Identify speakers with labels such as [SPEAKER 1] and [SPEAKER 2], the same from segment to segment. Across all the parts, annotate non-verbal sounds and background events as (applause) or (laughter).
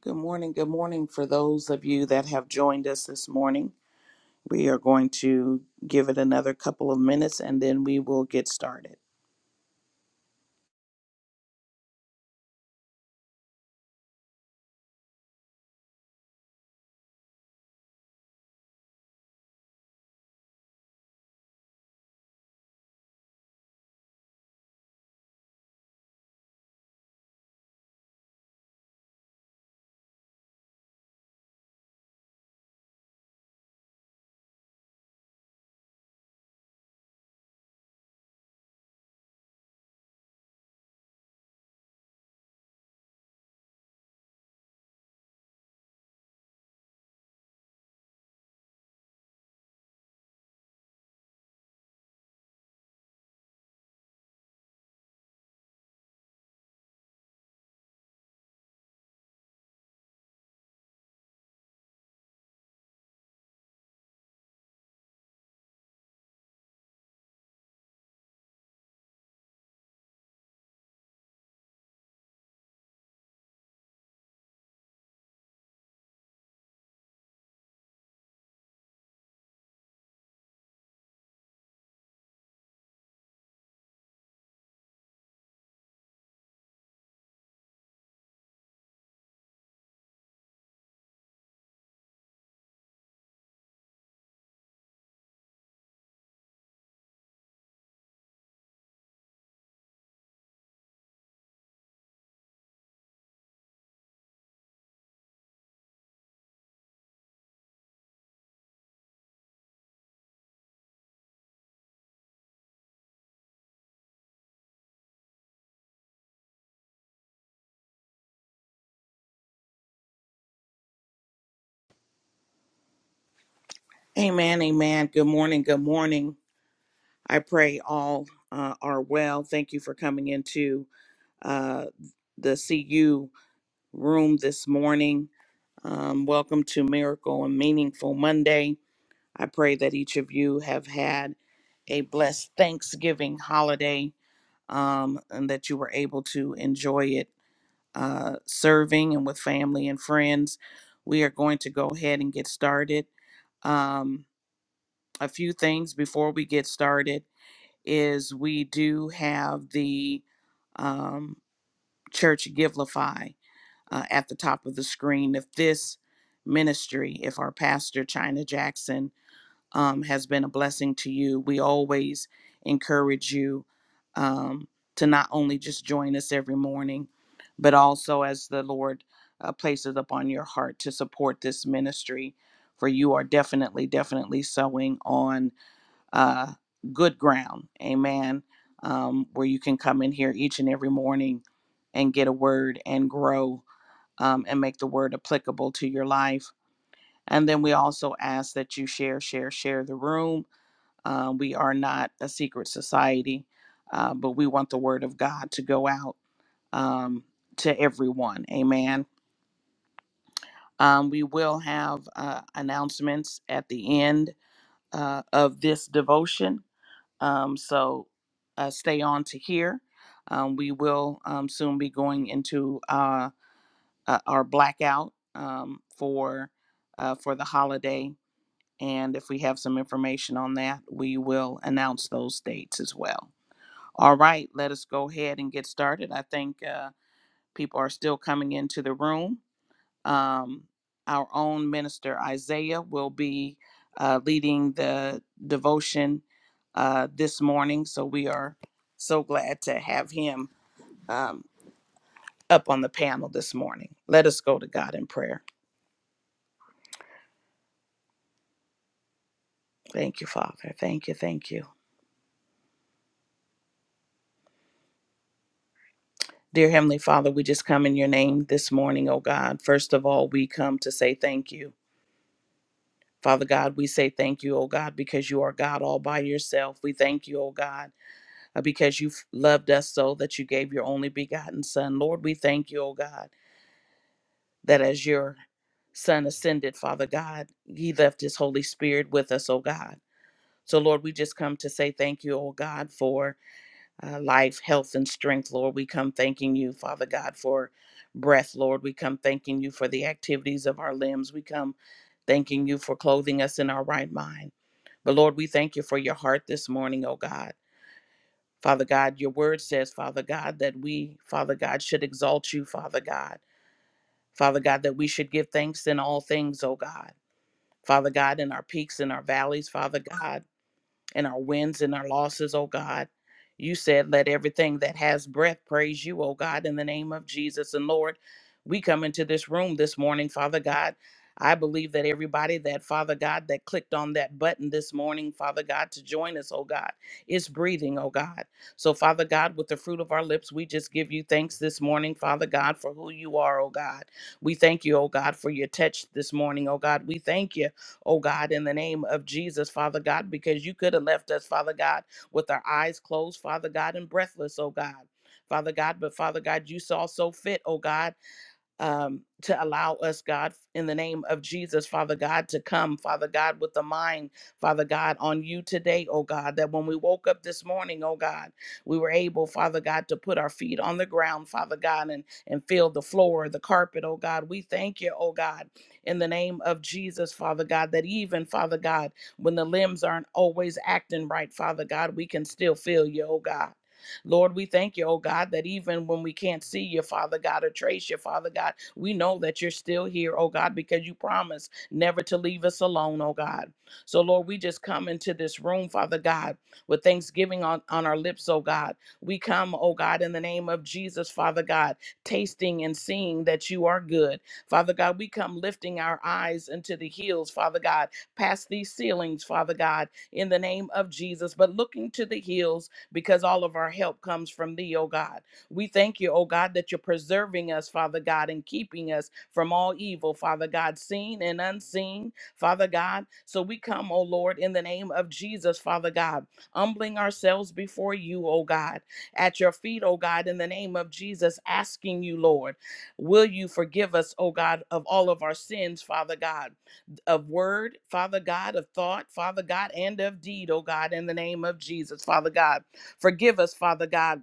[SPEAKER 1] Good morning. Good morning for those of you that have joined us this morning. We are going to give it another couple of minutes and then we will get started. Amen. Amen. Good morning. Good morning. I pray all uh, are well. Thank you for coming into uh, the CU room this morning. Um, welcome to Miracle and Meaningful Monday. I pray that each of you have had a blessed Thanksgiving holiday um, and that you were able to enjoy it uh, serving and with family and friends. We are going to go ahead and get started. Um, a few things before we get started is we do have the um, church Givelify uh, at the top of the screen. If this ministry, if our pastor, China Jackson, um, has been a blessing to you. We always encourage you um, to not only just join us every morning, but also as the Lord uh, places upon your heart to support this ministry. For you are definitely, definitely sowing on uh, good ground. Amen. Um, where you can come in here each and every morning and get a word and grow um, and make the word applicable to your life. And then we also ask that you share, share, share the room uh, we are not a secret society, uh, but we want the word of God to go out um, to everyone. Amen. Um, we will have uh, announcements at the end uh, of this devotion. Um, so uh, stay on to hear. Um, we will um, soon be going into uh, uh, our blackout um, for uh, for the holiday, and if we have some information on that, we will announce those dates as well. All right, let us go ahead and get started. I think uh, people are still coming into the room. Um, our own minister Isaiah will be uh, leading the devotion uh, this morning, so we are so glad to have him um, up on the panel this morning. Let us go to God in prayer. Thank you, Father. Thank you. Thank you. Dear Heavenly Father, we just come in your name this morning, oh God. First of all, we come to say thank you. Father God, we say thank you, oh God, because you are God all by yourself. We thank you, oh God, uh, because you loved us so that you gave your only begotten Son. Lord, we thank you, oh God, that as your Son ascended, Father God, he left his Holy Spirit with us, oh God. So, Lord, we just come to say thank you, oh God, for uh, life, health, and strength, Lord. We come thanking you, Father God, for breath, Lord. We come thanking you for the activities of our limbs. We come thanking you for clothing us in our right mind. But Lord, we thank you for your heart this morning, oh God. Father God, your word says, Father God, that we, Father God, should exalt you, Father God. Father God, that we should give thanks in all things, oh God. Father God, in our peaks and our valleys, Father God and our wins and our losses, oh God. You said, Let everything that has breath praise you, oh God, in the name of Jesus. And Lord, we come into this room this morning, Father God. I believe that everybody that, Father God, that clicked on that button this morning, Father God, to join us, oh God, is breathing, oh God. So, Father God, with the fruit of our lips, we just give you thanks this morning, Father God, for who you are, oh God. We thank you, oh God, for your touch this morning, oh God. We thank you oh God, in the name of Jesus, Father God, because you could have left us, Father God, with our eyes closed, Father God, and breathless, oh God. Father God, but Father God, you saw so fit, oh God, um, to allow us, God, in the name of Jesus, Father God, to come, Father God, with the mind, Father God, on you today, oh God, that when we woke up this morning, oh God, we were able, Father God, to put our feet on the ground, Father God, and, and feel the floor, the carpet, oh God. We thank you, oh God, in the name of Jesus, Father God, that even, Father God, when the limbs aren't always acting right, Father God, we can still feel you, oh God. Lord, we thank you, oh God, that even when we can't see you, Father God, or trace you, Father God, we know that you're still here, oh God, because you promised never to leave us alone, oh God. So, Lord, we just come into this room, Father God, with thanksgiving on, on our lips, oh God. We come, oh God, in the name of Jesus, Father God, tasting and seeing that you are good. Father God, we come lifting our eyes into the hills, Father God, past these ceilings, Father God, in the name of Jesus, but looking to the hills because all of our help comes from thee, O God. We thank you, O God, that you're preserving us, Father God, and keeping us from all evil, Father God, seen and unseen, Father God. So we come, O Lord, in the name of Jesus, Father God, humbling ourselves before you, O God, at your feet, O God, in the name of Jesus, asking you, Lord, will you forgive us, O God, of all of our sins, Father God? of word, Father God, of thought, Father God, and of deed, oh God, in the name of Jesus, Father God. Forgive us, Father God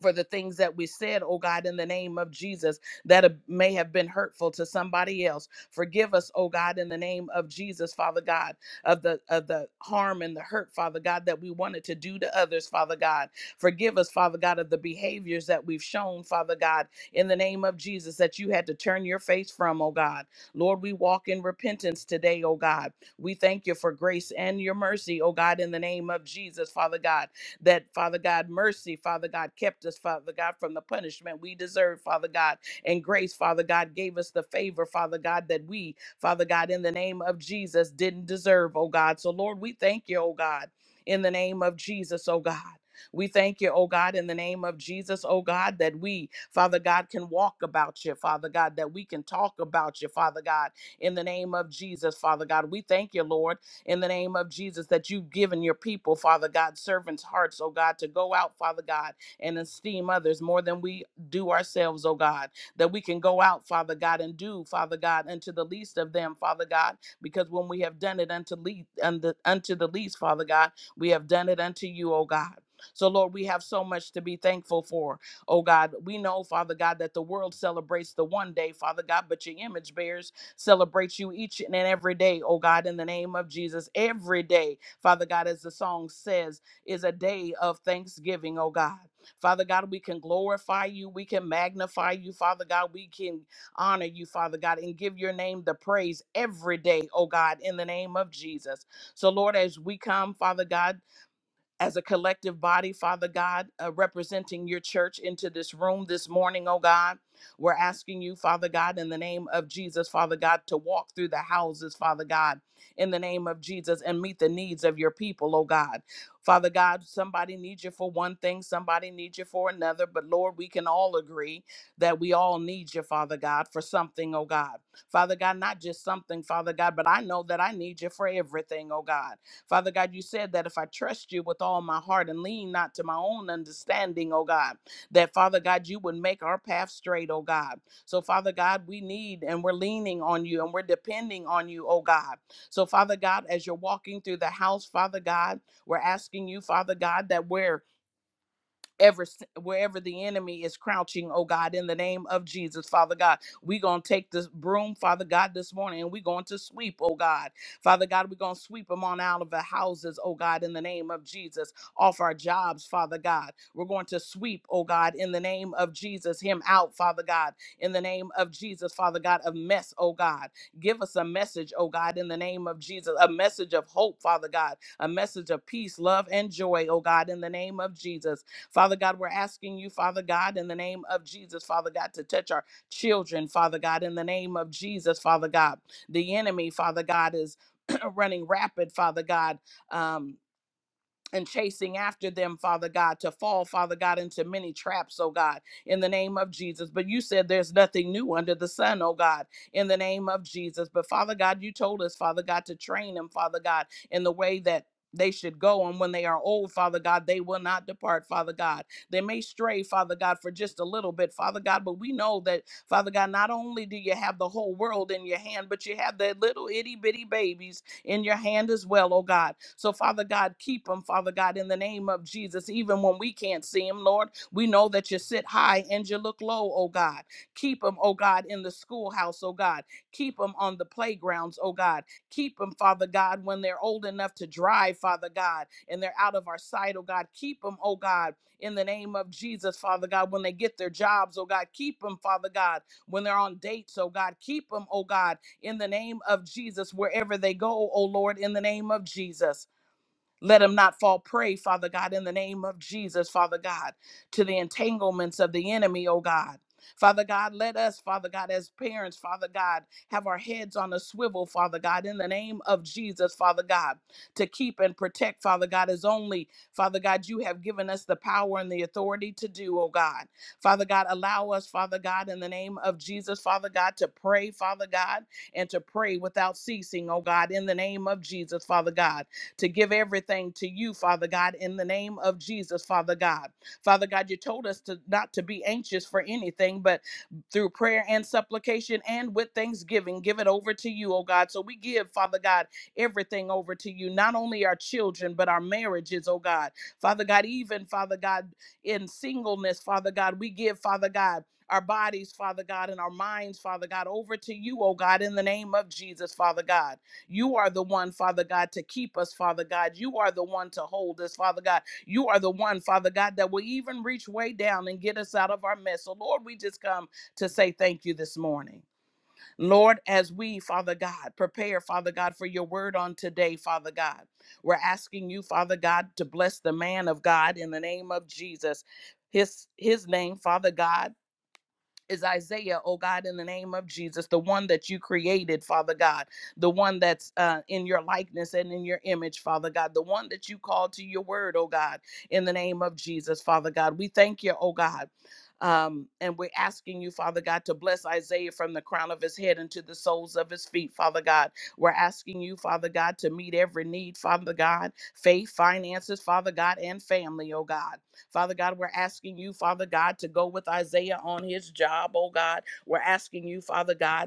[SPEAKER 1] for the things that we said, oh God, in the name of Jesus, that may have been hurtful to somebody else. Forgive us, oh God, in the name of Jesus, Father God, of the of the harm and the hurt, Father God, that we wanted to do to others, Father God. Forgive us, Father God, of the behaviors that we've shown, Father God, in the name of Jesus, that you had to turn your face from, oh God. Lord, we walk in repentance today, oh God. We thank you for grace and your mercy, oh God, in the name of Jesus, Father God that, Father God, mercy, Father God, kept us, Father God, from the punishment we deserve, Father God, and grace, Father God, gave us the favor, Father God, that we, Father God, in the name of Jesus, didn't deserve, oh God. So, Lord, we thank you, oh God, in the name of Jesus, oh God. We thank you, oh God, in the name of Jesus, oh God, that we, Father God, can walk about you, Father God, that we can talk about you, Father God, in the name of Jesus, Father God. We thank you, Lord in the name of Jesus that you've given your people, Father God, servants' hearts, oh God, to go out, Father God, and esteem others more than we do ourselves, oh God, that we can go out, Father God, and do, Father God, unto the least of them, Father God, because when we have done it unto, le- unto, unto the least, Father God, we have done it unto you, oh God. So, Lord, we have so much to be thankful for. Oh, God, we know, Father God, that the world celebrates the one day, Father God, but your image bears celebrate you each and every day, oh God, in the name of Jesus. Every day, Father God, as the song says, is a day of thanksgiving, oh God. Father God, we can glorify you. We can magnify you, Father God. We can honor you, Father God, and give your name the praise every day, oh God, in the name of Jesus. So, Lord, as we come, Father God, as a collective body, Father God, uh, representing your church into this room this morning, oh God. We're asking you, Father God, in the name of Jesus, Father God, to walk through the houses, Father God, in the name of Jesus, and meet the needs of your people, oh God. Father God, somebody needs you for one thing, somebody needs you for another, but Lord, we can all agree that we all need you, Father God, for something, oh God. Father God, not just something, Father God, but I know that I need you for everything, oh God. Father God, you said that if I trust you with all my heart and lean not to my own understanding, oh God, that Father God, you would make our path straight, oh God. So, Father God, we need and we're leaning on you and we're depending on you, oh God. So, Father God, as you're walking through the house, Father God, we're asking you, Father God, that we're ever wherever the enemy is crouching oh god in the name of jesus father god we gonna take this broom father god this morning and we going to sweep oh god father god we gonna sweep them on out of the houses oh god in the name of jesus off our jobs father god we're going to sweep oh god in the name of jesus him out father god in the name of jesus father god of mess oh god give us a message oh god in the name of jesus a message of hope father god a message of peace love and joy oh god in the name of jesus Father God, we're asking you, Father God, in the name of Jesus, Father God, to touch our children, Father God, in the name of Jesus, Father God. The enemy, Father God, is (clears throat) running rapid, Father God. Um, and chasing after them, Father God, to fall, Father God, into many traps, oh God, in the name of Jesus. But you said there's nothing new under the sun, oh God, in the name of Jesus. But Father God, you told us, Father God, to train them, Father God, in the way that they should go. And when they are old, Father God, they will not depart, Father God. They may stray, Father God, for just a little bit, Father God, but we know that, Father God, not only do you have the whole world in your hand, but you have that little itty bitty babies in your hand as well, oh God. So, Father God, keep them, Father God, in the name of Jesus. Even when we can't see them, Lord, we know that you sit high and you look low, oh God. Keep them, oh God, in the schoolhouse, oh God. Keep them on the playgrounds, oh God. Keep them, Father God, when they're old enough to drive, Father God, and they're out of our sight, oh God. Keep them, oh God, in the name of Jesus, Father God, when they get their jobs, oh God. Keep them, Father God, when they're on dates, oh God. Keep them, oh God in the name of Jesus, wherever they go, oh Lord, in the name of Jesus. Let him not fall prey, Father God, in the name of Jesus, Father God, to the entanglements of the enemy, oh God. Father God, let us, Father God, as parents, Father God, have our heads on a swivel, Father God, in the name of Jesus, Father God, to keep and protect, Father God, as only, Father God, you have given us the power and the authority to do, oh God. Father God, allow us, Father God, in the name of Jesus, Father God, to pray, Father God, and to pray without ceasing, oh God, in the name of Jesus, Father God to give everything to you, Father God, in the name of Jesus, Father God. Father God, you told us to not to be anxious for anything, but through prayer and supplication and with thanksgiving, give it over to you, oh God. So we give, Father God, everything over to you, not only our children, but our marriages, oh God. Father God, even, Father God, in singleness, Father God, we give, Father God, our bodies, Father God, and our minds, Father God, over to you, oh God, in the name of Jesus, Father God. You are the one, Father God, to keep us, Father God. You are the one to hold us, Father God. You are the one, Father God, that will even reach way down and get us out of our mess. So, Lord, we just come to say thank you this morning. Lord, as we, Father God, prepare, Father God, for your word on today, Father God, we're asking you, Father God, to bless the man of God in the name of Jesus. His, his name, Father God is Isaiah, oh God, in the name of Jesus, the one that you created, Father God, the one that's uh, in your likeness and in your image, Father God, the one that you called to your word, oh God, in the name of Jesus, Father God. We thank you, oh God. Um, and we're asking you, Father God, to bless Isaiah from the crown of his head and the soles of his feet, Father God. We're asking you, Father God, to meet every need, Father God, faith, finances, Father God, and family, oh God. Father God, we're asking you, Father God, to go with Isaiah on his job, oh God. We're asking you, Father God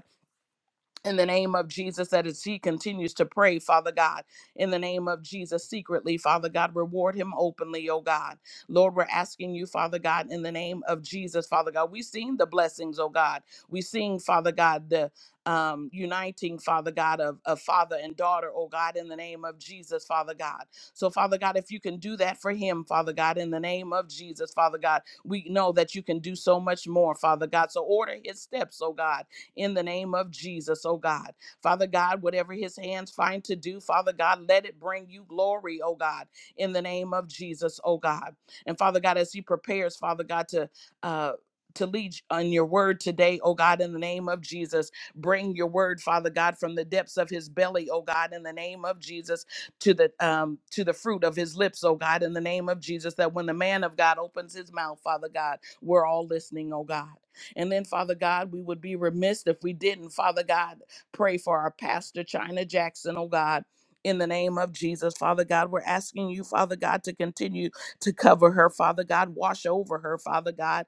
[SPEAKER 1] in the name of Jesus, that as he continues to pray, Father God, in the name of Jesus, secretly, Father God, reward him openly, oh God. Lord, we're asking you, Father God, in the name of Jesus, Father God. We've seen the blessings, oh God. We've seen, Father God, the um, uniting, Father God, of, of father and daughter, oh God, in the name of Jesus, Father God. So, Father God, if you can do that for him, Father God, in the name of Jesus, Father God, we know that you can do so much more, Father God. So, order his steps, oh God in the name of Jesus, oh God. Father God, whatever his hands find to do, Father God, let it bring you glory, oh God, in the name of Jesus, oh God. And Father God, as he prepares, Father God, to uh to lead on your word today, oh God, in the name of Jesus. Bring your word, Father God, from the depths of his belly, oh God, in the name of Jesus, to the um to the fruit of his lips, oh God, in the name of Jesus, that when the man of God opens his mouth, Father God, we're all listening, oh God. And then, Father God, we would be remiss if we didn't, Father God, pray for our pastor, China Jackson, oh God. In the name of Jesus, Father God, we're asking you, Father God, to continue to cover her, Father God, wash over her, Father God,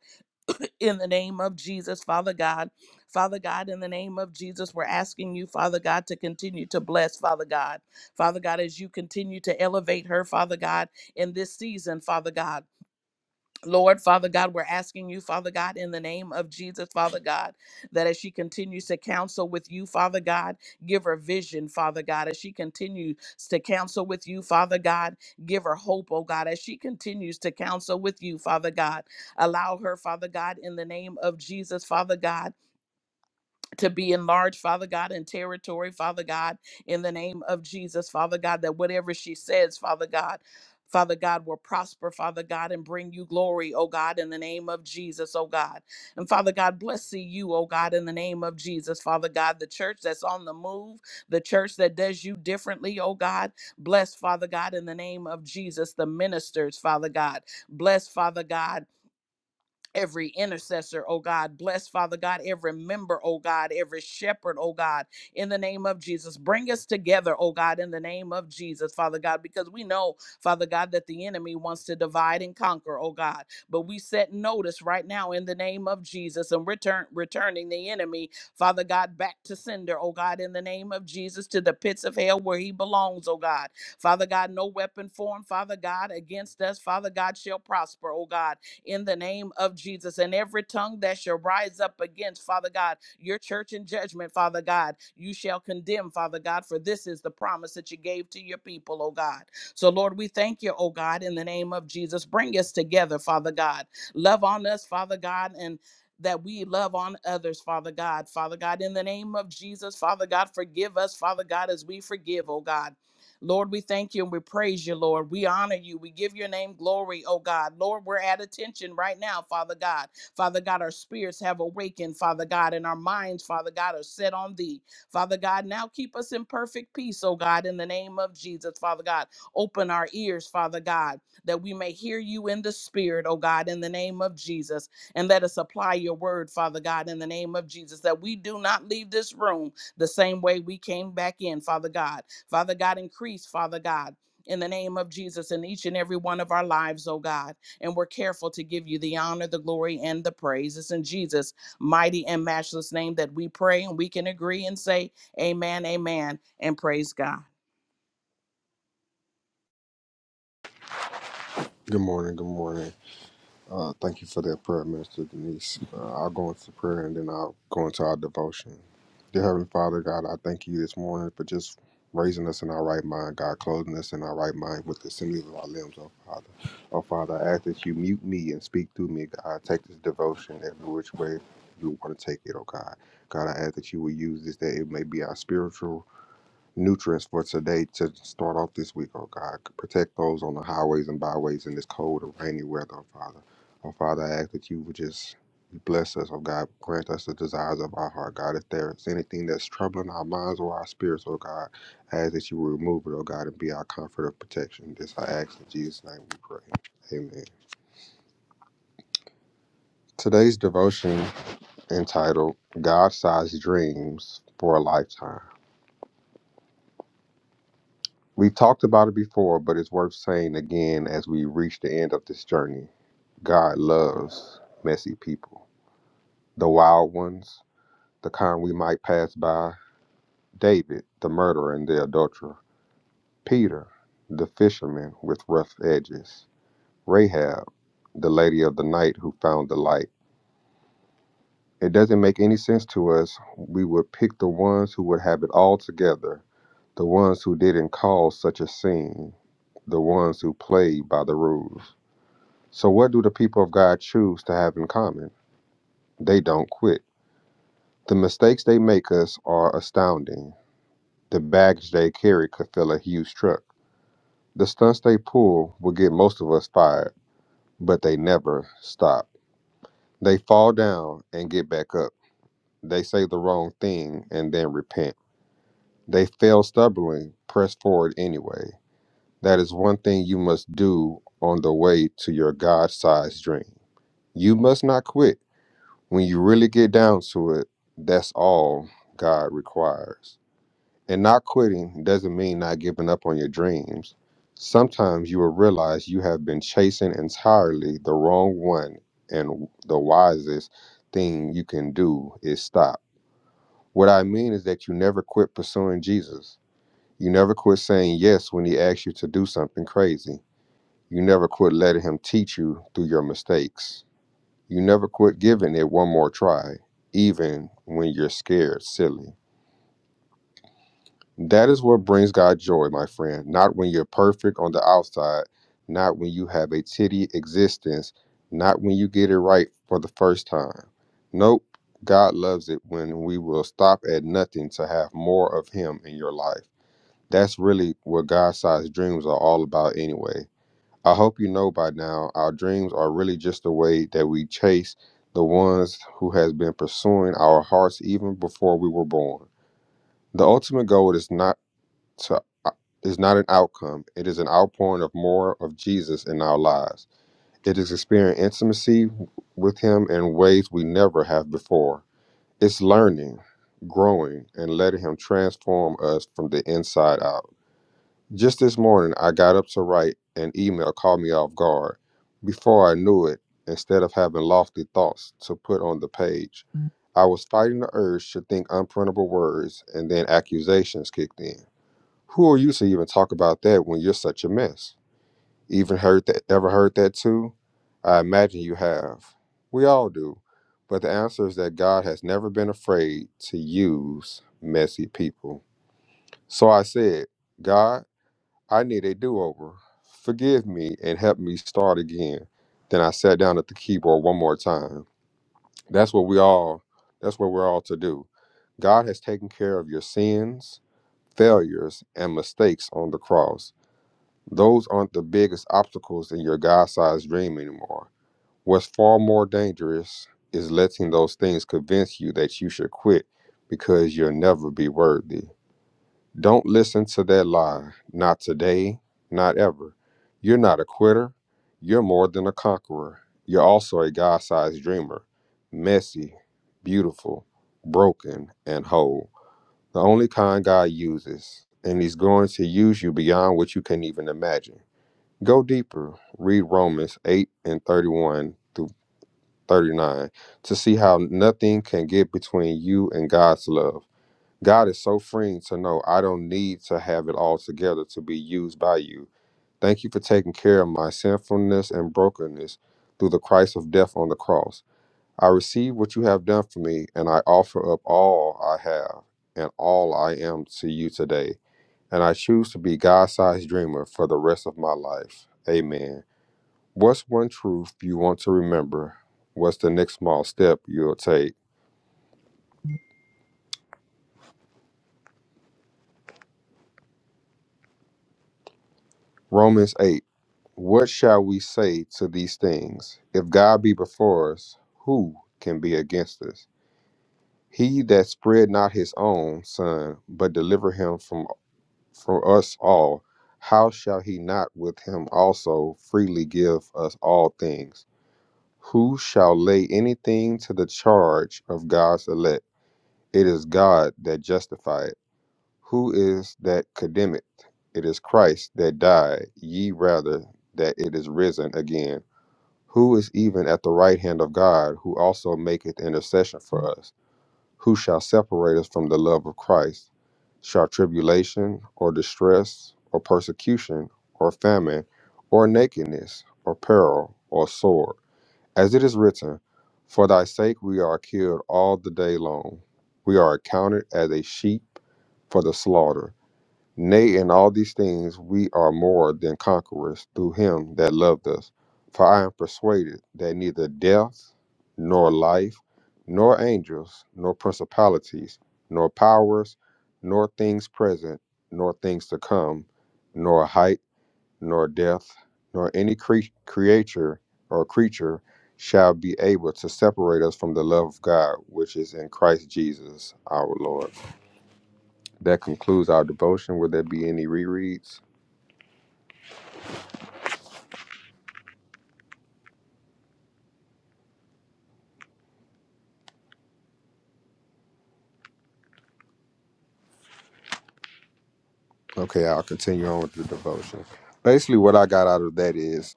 [SPEAKER 1] in the name of Jesus, Father God. Father God, in the name of Jesus, we're asking you, Father God, to continue to bless, Father God. Father God, as you continue to elevate her, Father God, in this season, Father God. Lord, Father God, we're asking you, Father God, in the name of Jesus, Father God, that as she continues to counsel with you, Father God, give her vision, Father God, as she continues to counsel with you, Father God, give her hope, oh God, as she continues to counsel with you, Father God, allow her, Father God, in the name of Jesus, Father God to be enlarged, Father God, in territory, Father God, in the name of Jesus, Father God, that whatever she says, Father God, Father God will prosper, Father God, and bring you glory, oh God, in the name of Jesus, oh God. And Father God, bless you, oh God, in the name of Jesus, Father God, the church that's on the move, the church that does you differently, oh God. Bless, Father God, in the name of Jesus, the ministers, Father God. Bless, Father God every intercessor, oh God. Bless, Father God, every member, oh God, every shepherd, oh God, in the name of Jesus. Bring us together, oh God, in the name of Jesus, Father God, because we know, Father God, that the enemy wants to divide and conquer, oh God. But we set notice right now in the name of Jesus and return returning the enemy, Father God, back to sender, oh God, in the name of Jesus, to the pits of hell where he belongs, oh God. Father God, no weapon formed, Father God, against us, Father God, shall prosper, oh God in the name of Jesus. And every tongue that shall rise up against, Father God, your church in judgment, Father God, you shall condemn, Father God, for this is the promise that you gave to your people, oh God. So, Lord, we thank you, oh God, in the name of Jesus. Bring us together, Father God. Love on us, Father God, and that we love on others, Father God. Father God, in the name of Jesus, Father God, forgive us, Father God, as we forgive, oh God. Lord, we thank you and we praise you, Lord. We honor you. We give your name glory, oh God. Lord, we're at attention right now, Father God. Father God, our spirits have awakened, Father God, and our minds, Father God, are set on thee. Father God, now keep us in perfect peace, oh God, in the name of Jesus, Father God. Open our ears, Father God, that we may hear you in the spirit, oh God, in the name of Jesus. And let us apply your word, Father God, in the name of Jesus, that we do not leave this room the same way we came back in, Father God. Father God, increase, Father God. In the name of Jesus, in each and every one of our lives, oh God. And we're careful to give you the honor, the glory, and the praise. It's in Jesus' mighty and matchless name that we pray and we can agree and say, Amen, Amen, and praise God.
[SPEAKER 2] Good morning. Good morning. Uh, thank you for that prayer, Minister Denise. Uh, I'll go into prayer and then I'll go into our devotion. Dear Heavenly Father, God, I thank you this morning for just raising us in our right mind, God, clothing us in our right mind with the sinews of our limbs, oh Father. Oh Father, I ask that you mute me and speak through me, God. Take this devotion every which way you want to take it, oh God. God, I ask that you will use this, that it may be our spiritual nutrients for today to start off this week, oh God. Protect those on the highways and byways in this cold and rainy weather, oh Father. Oh Father, I ask that you would just bless us, oh God. Grant us the desires of our heart, God. If there is anything that's troubling our minds or our spirits, oh God, I ask that you would remove it, oh God, and be our comfort of protection. This I ask in Jesus' name we pray. Amen. Today's devotion entitled God Sized Dreams for a Lifetime. We've talked about it before, but it's worth saying again as we reach the end of this journey. God loves messy people, the wild ones, the kind we might pass by, David, the murderer and the adulterer, Peter, the fisherman with rough edges, Rahab, the lady of the night who found the light. It doesn't make any sense to us. We would pick the ones who would have it all together, the ones who didn't cause such a scene, the ones who played by the rules. So, what do the people of God choose to have in common? They don't quit. The mistakes they make us are astounding. The baggage they carry could fill a huge truck. The stunts they pull will get most of us fired, but they never stop. They fall down and get back up. They say the wrong thing and then repent. They fail stubbornly, press forward anyway. That is one thing you must do on the way to your God sized dream. You must not quit. When you really get down to it, that's all God requires. And not quitting doesn't mean not giving up on your dreams. Sometimes you will realize you have been chasing entirely the wrong one, and the wisest thing you can do is stop. What I mean is that you never quit pursuing Jesus. You never quit saying yes when he asks you to do something crazy. You never quit letting him teach you through your mistakes. You never quit giving it one more try, even when you're scared, silly. That is what brings God joy, my friend. Not when you're perfect on the outside, not when you have a titty existence, not when you get it right for the first time. Nope, God loves it when we will stop at nothing to have more of Him in your life. That's really what God sized dreams are all about, anyway. I hope you know by now, our dreams are really just the way that we chase the ones who has been pursuing our hearts even before we were born. The ultimate goal is not to uh, is not an outcome. It is an outpouring of more of Jesus in our lives. It is experiencing intimacy with him in ways we never have before. It's learning, growing, and letting him transform us from the inside out. Just this morning, I got up to write an email caught me off guard. Before I knew it, instead of having lofty thoughts to put on the page, I was fighting the urge to think unprintable words, and then accusations kicked in. Who are you to even talk about that when you're such a mess? Even heard that? Ever heard that too? I imagine you have. We all do. But the answer is that God has never been afraid to use messy people. So I said, God. I need a do over. Forgive me and help me start again. Then I sat down at the keyboard one more time. That's what we all that's what we're all to do. God has taken care of your sins, failures, and mistakes on the cross. Those aren't the biggest obstacles in your God sized dream anymore. What's far more dangerous is letting those things convince you that you should quit because you'll never be worthy. Don't listen to that lie. Not today, not ever. You're not a quitter. You're more than a conqueror. You're also a God sized dreamer. Messy, beautiful, broken, and whole. The only kind God uses. And He's going to use you beyond what you can even imagine. Go deeper. Read Romans 8 and 31 through 39 to see how nothing can get between you and God's love. God is so freeing to know I don't need to have it all together to be used by you. Thank you for taking care of my sinfulness and brokenness through the Christ of death on the cross. I receive what you have done for me, and I offer up all I have and all I am to you today. And I choose to be God sized dreamer for the rest of my life. Amen. What's one truth you want to remember? What's the next small step you'll take? Romans 8 What shall we say to these things? If God be before us, who can be against us? He that spared not his own son, but delivered him from, from us all, how shall he not with him also freely give us all things? Who shall lay anything to the charge of God's elect? It is God that justifies. Who is that condemneth? It is Christ that died, ye rather that it is risen again. Who is even at the right hand of God, who also maketh intercession for us? Who shall separate us from the love of Christ? Shall tribulation, or distress, or persecution, or famine, or nakedness, or peril, or sword? As it is written, For thy sake we are killed all the day long. We are accounted as a sheep for the slaughter. Nay, in all these things we are more than conquerors through him that loved us. For I am persuaded that neither death, nor life, nor angels, nor principalities, nor powers, nor things present, nor things to come, nor height, nor depth, nor any cre- creature or creature shall be able to separate us from the love of God which is in Christ Jesus our Lord. That concludes our devotion. Will there be any rereads? Okay, I'll continue on with the devotion. Basically, what I got out of that is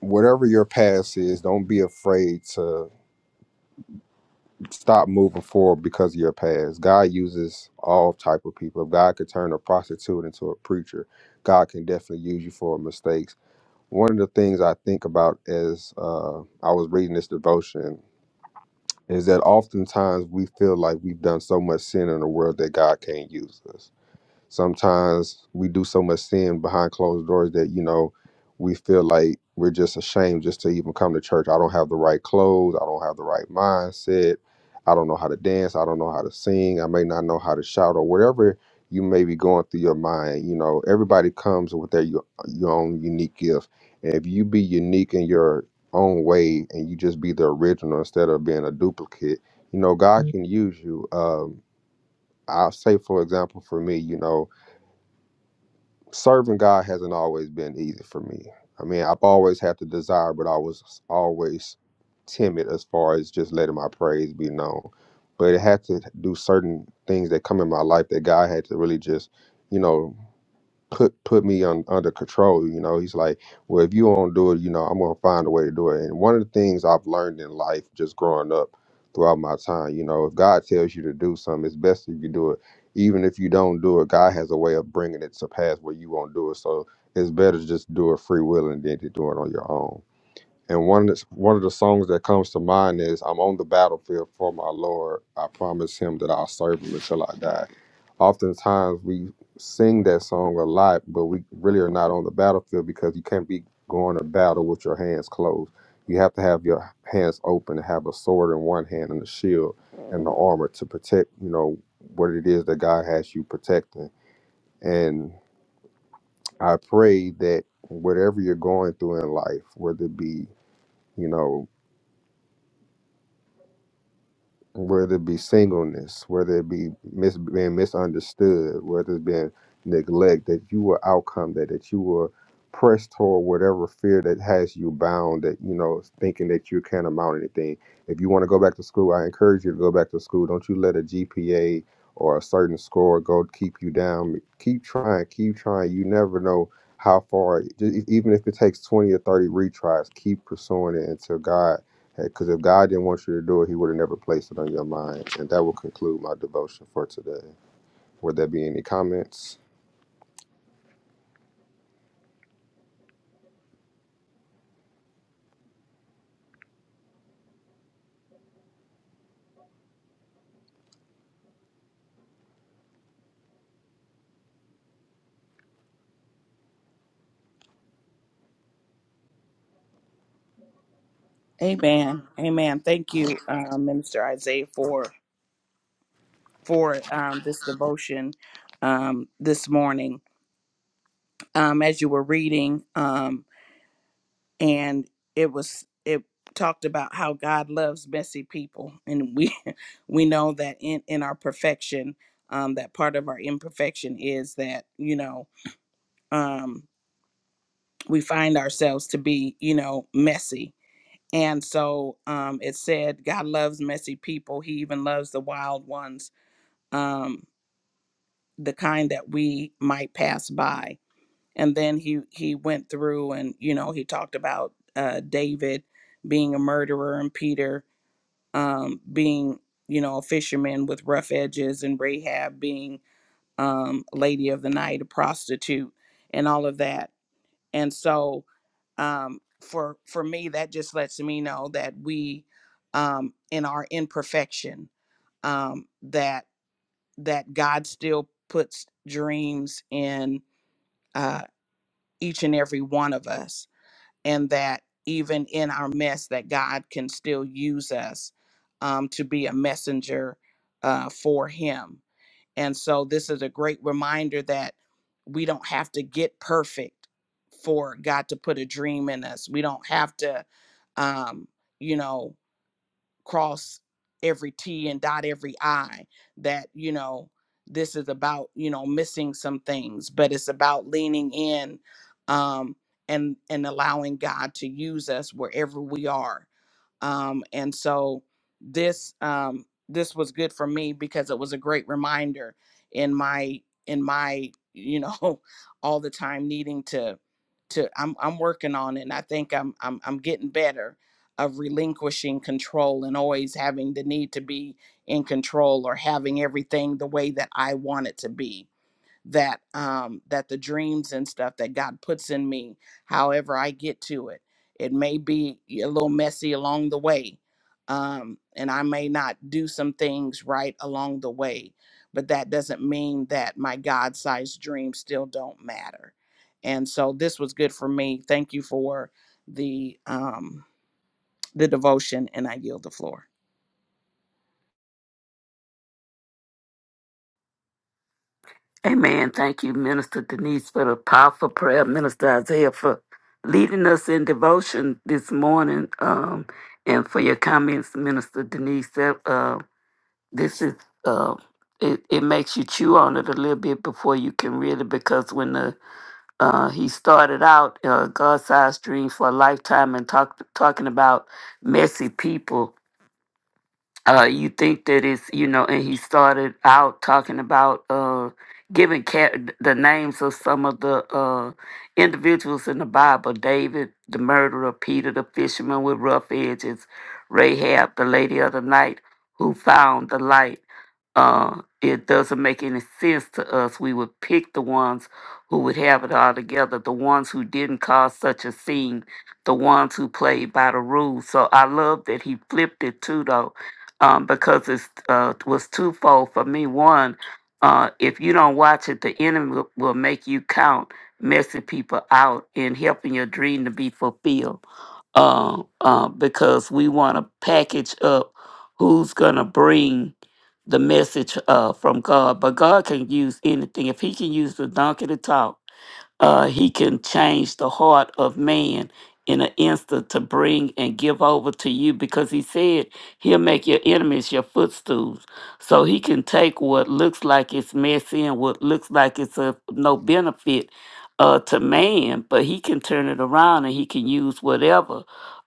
[SPEAKER 2] whatever your past is, don't be afraid to stop moving forward because of your past. God uses all type of people. If God could turn a prostitute into a preacher, God can definitely use you for mistakes. One of the things I think about as uh, I was reading this devotion is that oftentimes we feel like we've done so much sin in the world that God can't use us Sometimes we do so much sin behind closed doors that, you know, we feel like we're just ashamed just to even come to church. I don't have the right clothes. I don't have the right mindset. I don't know how to dance. I don't know how to sing. I may not know how to shout or whatever you may be going through your mind. You know, everybody comes with their u- your own unique gift. And if you be unique in your own way and you just be the original instead of being a duplicate, you know, God Mhm. can use you. Um, I'll say, for example, for me, you know, serving God hasn't always been easy for me. I mean, I've always had the desire, but I was always timid as far as just letting my praise be known. But it had to do certain things that come in my life that God had to really just, you know, put put me on under control. You know, he's like, well, if you don't do it, you know, I'm gonna find a way to do it. And one of the things I've learned in life, just growing up throughout my time, you know, if God tells you to do something, it's best if you do it. Even if you don't do it, God has a way of bringing it to pass where you won't do it. So it's better to just do it free will and then to do it on your own. And one that's one of the songs that comes to mind is "I'm on the battlefield for my Lord. I promise Him that I'll serve Him until I die." Oftentimes we sing that song a lot, but we really are not on the battlefield because you can't be going to battle with your hands closed. You have to have your hands open and have a sword in one hand and a shield and the armor to protect. You know what it is that God has you protecting. And I pray that whatever you're going through in life, whether it be you know whether it be singleness, whether it be mis- being misunderstood, whether it's being neglect, that you will outcome that, that you will press toward whatever fear that has you bound, that, you know, thinking that you can't amount anything. If you want to go back to school, I encourage you to go back to school. Don't you let a GPA or a certain score go keep you down. Keep trying, keep trying. You never know how far, e- even if it takes 20 or 30 retries, keep pursuing it until God because if God didn't want you to do it, He would have never placed it on your mind. And that will conclude my devotion for today. Would there be any comments?
[SPEAKER 1] Amen, Amen. Thank you, um, Minister Isaiah, for for um, this devotion um, this morning. Um, as you were reading. um, and it was it talked about how God loves messy people, and we (laughs) we know that in in our perfection, um, that part of our imperfection is that you know um, we find ourselves to be you know messy, and so um, it said God loves messy people. He even loves the wild ones, um, the kind that we might pass by and then he he went through and you know he talked about uh david being a murderer and peter um being you know a fisherman with rough edges and rahab being um lady of the night a prostitute and all of that and so um for for me that just lets me know that we um in our imperfection um that that god still puts dreams in uh each and every one of us and that even in our mess that god can still use us um, to be a messenger uh, for him and so this is a great reminder that we don't have to get perfect for god to put a dream in us we don't have to um, you know cross every T and dot every I that, you know, this is about, you know, missing some things, but it's about leaning in um and and allowing God to use us wherever we are um, and so this um, this was good for me because it was a great reminder in my in my you know (laughs) all the time needing to to I'm I'm working on it and I think I'm I'm I'm getting better of relinquishing control and always having the need to be in control or having everything the way that I want it to be that um that the dreams and stuff that God puts in me, however I get to it. It may be a little messy along the way. Um, and I may not do some things right along the way, but that doesn't mean that my God-sized dreams still don't matter. And so this was good for me. Thank you for the um the devotion and I yield the floor.
[SPEAKER 3] Amen. Thank you, Minister Denise, for the powerful prayer. Minister Isaiah for leading us in devotion this morning, um, and for your comments, Minister Denise. That uh, this is uh, it, it makes you chew on it a little bit before you can really, because when the uh, he started out uh, God-sized dream for a lifetime and talk, talking about messy people uh, you think that it's you know and he started out talking about uh giving cat the names of some of the uh individuals in the bible david the murderer peter the fisherman with rough edges rahab the lady of the night who found the light uh it doesn't make any sense to us we would pick the ones who would have it all together the ones who didn't cause such a scene the ones who played by the rules so i love that he flipped it too though um, because it uh, was twofold for me. One, uh, if you don't watch it, the enemy will, will make you count messing people out and helping your dream to be fulfilled. Uh, uh, because we want to package up who's going to bring the message uh, from God. But God can use anything. If He can use the donkey to talk, uh, he can change the heart of man in an instant to bring and give over to you because he said he'll make your enemies your footstools. So he can take what looks like it's messy and what looks like it's of no benefit uh, to man, but he can turn it around and he can use whatever.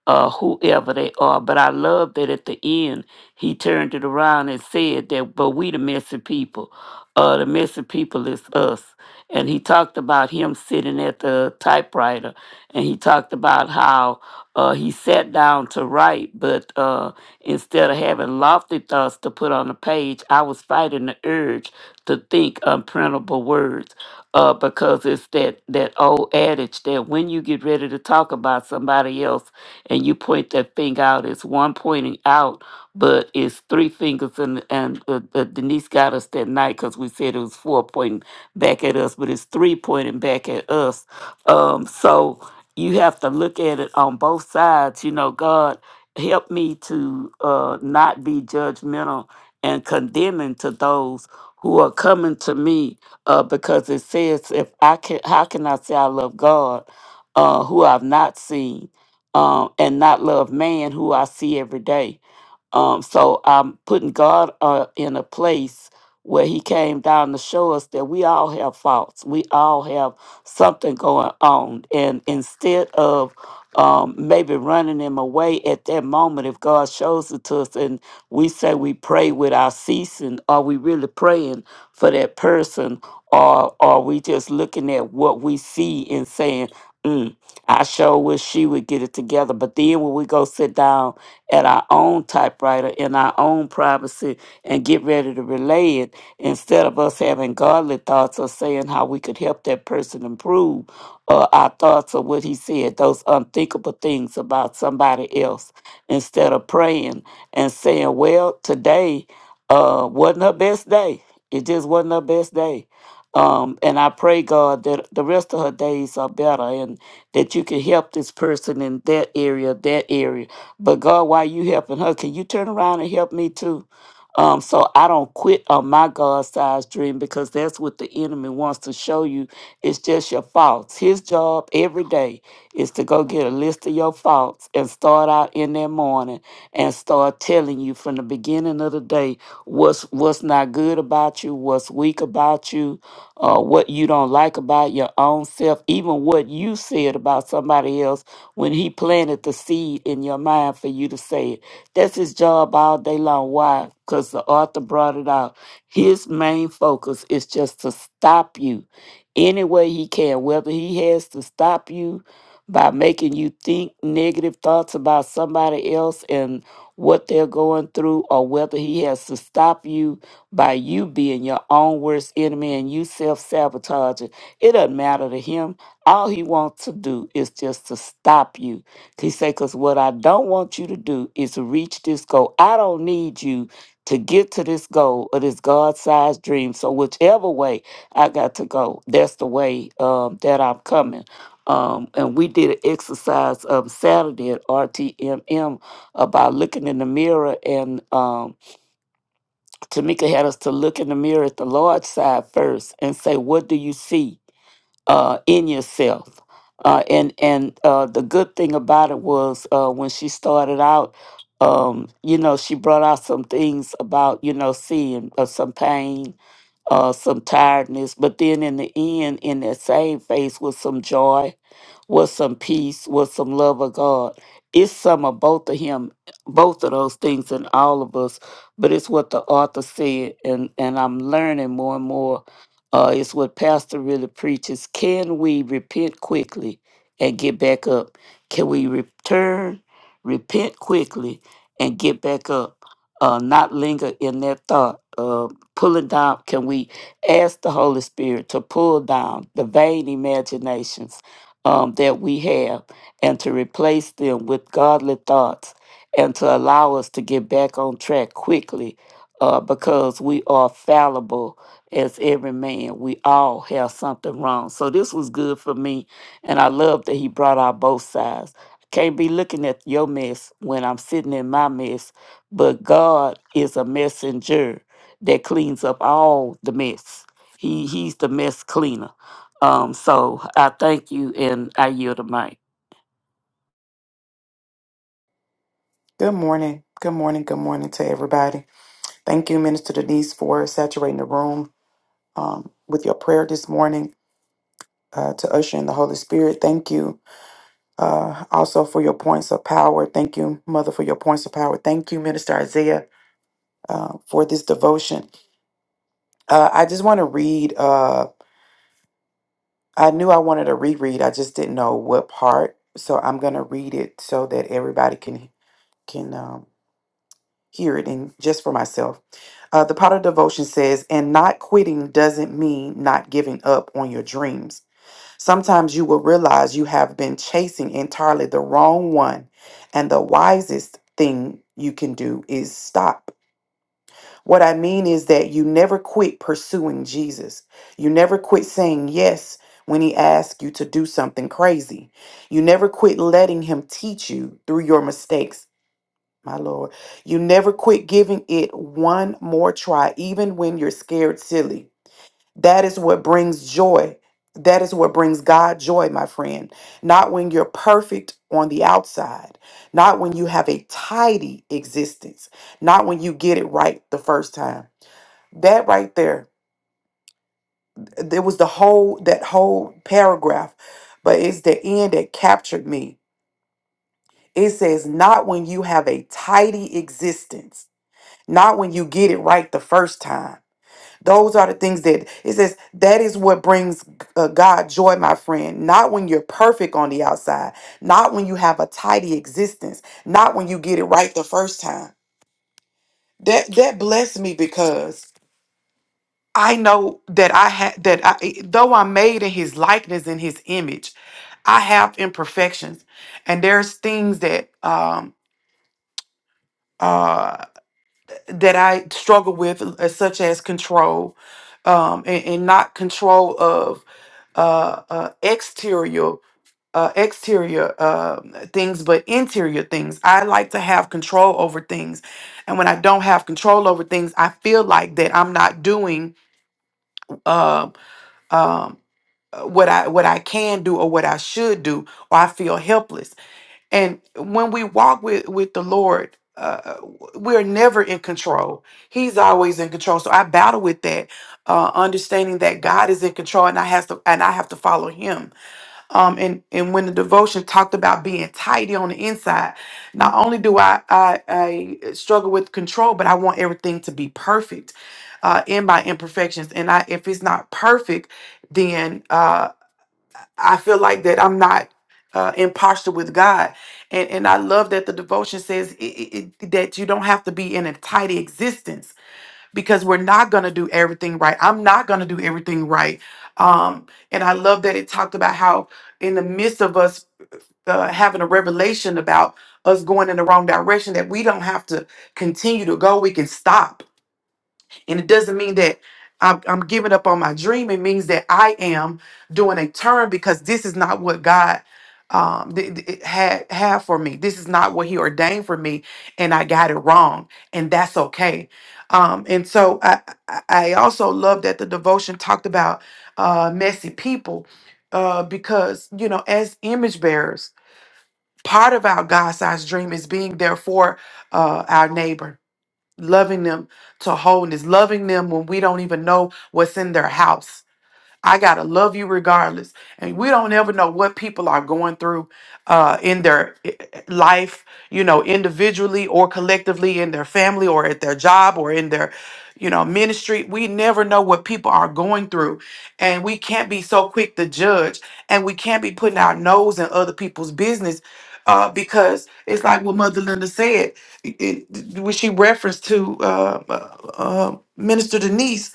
[SPEAKER 3] Uh, whoever they are, but I love that at the end he turned it around and said that, but we the messy people, uh, the messy people is us and he talked about him sitting at the typewriter and he talked about how uh, he sat down to write but uh, instead of having lofty thoughts to put on the page i was fighting the urge to think unprintable words uh, because it's that, that old adage that when you get ready to talk about somebody else and you point that finger out it's one pointing out but it's three fingers and, and uh, uh, denise got us that night because we said it was four pointing back at us, but it's three pointing back at us. Um, so you have to look at it on both sides. You know, God help me to uh, not be judgmental and condemning to those who are coming to me uh, because it says if I can how can I say I love God uh, who I've not seen um, and not love man who I see every day. Um, so I'm putting God uh, in a place where He came down to show us that we all have faults. We all have something going on. And instead of um, maybe running Him away at that moment, if God shows it to us and we say we pray without ceasing, are we really praying for that person? Or are we just looking at what we see and saying, mm, I sure wish she would get it together. But then when we go sit down, at our own typewriter in our own privacy and get ready to relay it instead of us having godly thoughts or saying how we could help that person improve or our thoughts of what he said, those unthinkable things about somebody else, instead of praying and saying, Well, today uh, wasn't her best day. It just wasn't her best day. Um, and I pray, God, that the rest of her days are better and that you can help this person in that area, that area but God, while you helping her, can you turn around and help me too? Um, so I don't quit on my God-sized dream because that's what the enemy wants to show you. It's just your faults. His job every day is to go get a list of your faults and start out in that morning and start telling you from the beginning of the day what's what's not good about you, what's weak about you, uh, what you don't like about your own self, even what you said about somebody else when he planted the seed in your mind for you to say it. That's his job all day long. Why? Because the author brought it out. His main focus is just to stop you any way he can, whether he has to stop you by making you think negative thoughts about somebody else and what they're going through, or whether he has to stop you by you being your own worst enemy and you self sabotaging. It doesn't matter to him. All he wants to do is just to stop you. He say, because what I don't want you to do is to reach this goal. I don't need you to get to this goal or this God-sized dream. So whichever way I got to go, that's the way um, that I'm coming. Um, and we did an exercise um, Saturday at RTMM about looking in the mirror, and um, Tamika had us to look in the mirror at the Lord's side first and say, "What do you see?" uh, in yourself. Uh, and and uh, the good thing about it was uh, when she started out, um, you know, she brought out some things about you know seeing uh, some pain, uh, some tiredness, but then in the end, in that same face was some joy with some peace, with some love of God. It's some of both of him, both of those things in all of us, but it's what the author said, and and I'm learning more and more. Uh, it's what Pastor really preaches. Can we repent quickly and get back up? Can we return, repent quickly, and get back up? Uh, not linger in that thought. Uh, pulling down. Can we ask the Holy Spirit to pull down the vain imaginations? um, that we have and to replace them with godly thoughts and to allow us to get back on track quickly uh, because we are fallible as every man. We all have something wrong. So this was good for me. And I love that he brought out both sides. I can't be looking at your mess when I'm sitting in my mess, but God is a messenger that cleans up all the mess. He, he's the mess cleaner. Um, so I thank you and I yield the mic.
[SPEAKER 4] Good morning. Good morning. Good morning to everybody. Thank you, Minister Denise, for saturating the room um, with your prayer this morning uh, to usher in the Holy Spirit. Thank you uh, also for your points of power. Thank you, Mother, for your points of power. Thank you, Minister Isaiah, uh, for this devotion. Uh, I just want to read. Uh, I knew I wanted to reread. I just didn't know what part, so I'm going to read it so that everybody can can. um, hear it and just for myself. Uh, the Potter Devotion says, and not quitting doesn't mean not giving up on your dreams. Sometimes you will realize you have been chasing entirely the wrong one, and the wisest thing you can do is stop. What I mean is that you never quit pursuing Jesus. You never quit saying yes when he asks you to do something crazy. You never quit letting him teach you through your mistakes my Lord. You never quit giving it one more try, even when you're scared silly. That is what brings joy. That is what brings God joy, my friend. Not when you're perfect on the outside, not when you have a tidy existence, not when you get it right the first time. That right there, there was the whole that whole paragraph, but it's the end that captured me. It says, not when you have a tidy existence not when you get it right the first time. Those are the things that it says that is what brings uh, God joy, my friend. Not when you're perfect on the outside, not when you have a tidy existence, not when you get it right the first time. That that blessed me because I know that I had that I eh, though I'm made in his likeness and his image, I have imperfections. And there's things that um uh that I struggle with, uh, such as control, um, and, and not control of uh, uh, exterior uh, exterior uh, things, but interior things. I like to have control over things, and when I don't have control over things, I feel like that I'm not doing uh, um, uh, what I what I can do or what I should do, or I feel helpless and when we walk with with the lord uh uh, we're never in control he's always in control so i battle with that uh understanding that god is in control and i has to and i have to follow him um and and when the devotion talked about being tidy on the inside not only do i i, I struggle with control but i want everything to be perfect uh in my imperfections and i if it's not perfect then uh, I feel like that I'm not uh, in posture with God, and and I love that the devotion says i i i- that you don't have to be in a tidy existence because we're not gonna do everything right. I'm not gonna do everything right, um, and I love that it talked about how in the midst of us uh, having a revelation about us going in the wrong direction, that we don't have to continue to go. We can stop and it doesn't mean that I'm, I'm giving up on my dream. It means that I am doing a turn because this is not what God um th- th- had had for me. This is not what He ordained for me, and I got it wrong, and that's okay. Um, and so I I I also love that the devotion talked about uh, messy people uh, because you know as image bearers, part of our God-sized dream is being there for uh, our neighbor loving them to wholeness, loving them when we don't even know what's in their house I gotta love you regardless. And we don't ever know what people are going through uh, in their i- i- life, you know, individually or collectively in their family or at their job or in their, you know, ministry. We never know what people are going through, and we can't be so quick to judge, and we can't be putting our nose in other people's business. Uh, because it's like what Mother Linda said, it, it- when she referenced to uh, uh, uh, Minister Denise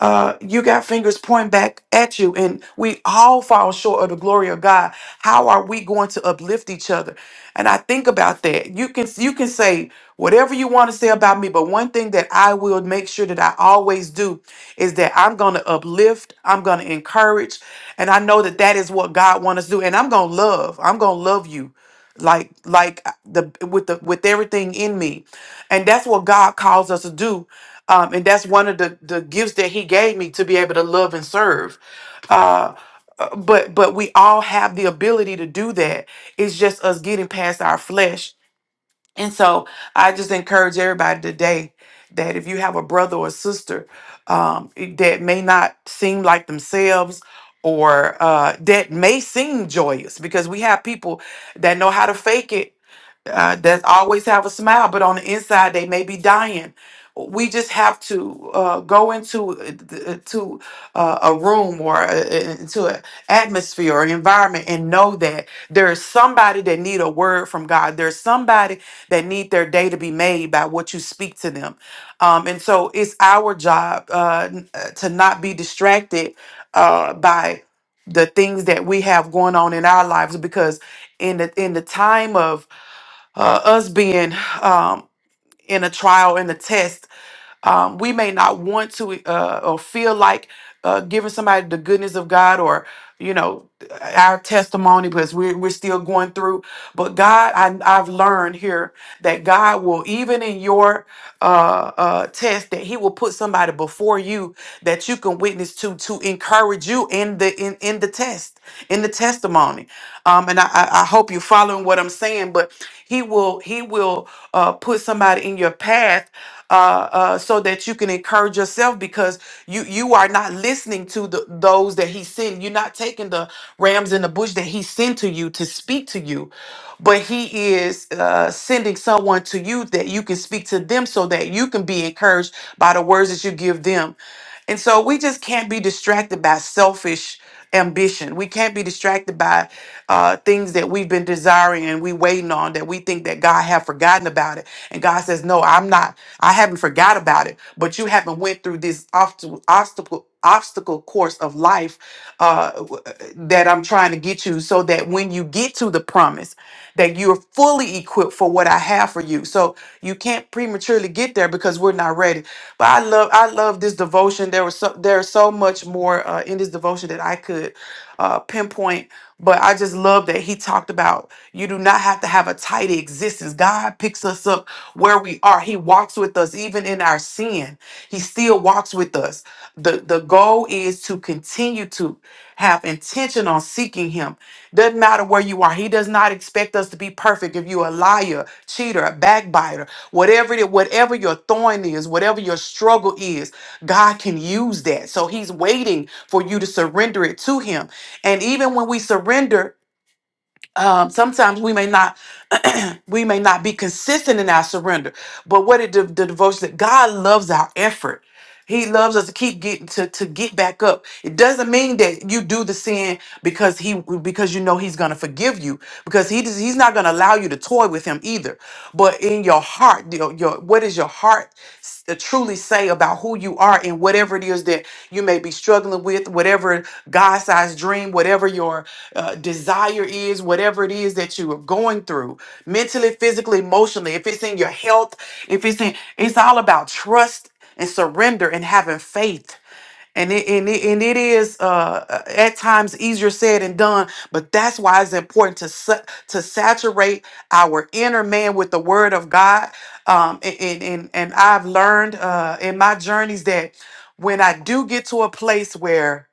[SPEAKER 4] uh, you got fingers pointing back at you, and we all fall short of the glory of God. How are we going to uplift each other? And I think about that. You can you can say whatever you want to say about me, but one thing that I will make sure that I always do is that I'm going to uplift, I'm going to encourage, and I know that that is what God wants us to do. And I'm going to love. I'm going to love you like like uh, the with the with everything in me and that's what god calls us to do um, and that's one of the the gifts that he gave me to be able to love and serve uh uh, but but we all have the ability to do that it's just us getting past our flesh and so i just encourage everybody today that if you have a brother or sister um, i- that may not seem like themselves or uh, that may seem joyous because we have people that know how to fake it uh, that always have a smile, but on the inside they may be dying. We just have to uh, go into uh, to uh, a room or uh, uh, into an atmosphere or environment and know that there is somebody that need a word from God. There's somebody that need their day to be made by what you speak to them. Um, and so it's our job uh, n- uh, to not be distracted uh, by the things that we have going on in our lives because in the in the time of uh, us being um, in a trial and a test um, we may not want to uh, or feel like uh, giving somebody the goodness of God or, you know, our testimony because we're, we're still going through. But God, I, I've learned here that God will, even in your uh, uh, test, that He will put somebody before you that you can witness to to encourage you in the in, in the test, in the testimony. Um, and I, I I hope you're following what I'm saying, but He will He will uh, put somebody in your path uh, uh, so that you can encourage yourself because you you are not listening to the, those that he sent. You're not taking the rams in the bush that he sent to you to speak to you, but he is uh, sending someone to you that you can speak to them so that you can be encouraged by the words that you give them. And so we just can't be distracted by selfish ambition. We can't be distracted by uh, things that we've been desiring and we waiting on that we think that God have forgotten about it. And God says, "No, I'm not. I haven't forgot about it. But you haven't went through this obstacle obstacle obstacle course of life uh, w- that I'm trying to get you so that when you get to the promise that you're fully equipped for what I have for you. So you can't prematurely get there because we're not ready. But I love I love this devotion. There was so there's so much more uh, in this devotion that I could uh, pinpoint, but I just love that he talked about you do not have to have a tight existence. God picks us up where we are. He walks with us even in our sin. He still walks with us. The the goal is to continue to have intention on seeking him. Doesn't matter where you are. He does not expect us to be perfect. If you're a liar, cheater, a backbiter, whatever it is, whatever your thorn is, whatever your struggle is, God can use that. So he's waiting for you to surrender it to him and even when we surrender um, sometimes we may not (clears throat) we may not be consistent in our surrender but what it the, the devotion that god loves our effort he loves us to keep getting to, to get back up. It doesn't mean that you do the sin because he because you know he's gonna forgive you because he does, he's not gonna allow you to toy with him either. But in your heart, your, your what does your heart s- uh, truly say about who you are and whatever it is that you may be struggling with, whatever God-sized dream, whatever your uh, desire is, whatever it is that you are going through, mentally, physically, emotionally. If it's in your health, if it's in, it's all about trust and surrender and having faith. And it, and it, and it is uh, uh, at times easier said than done, but that's why it's important to sa- to saturate our inner man with the Word of God. Um, and and and, and I've learned uh, in my journeys that when I do get to a place where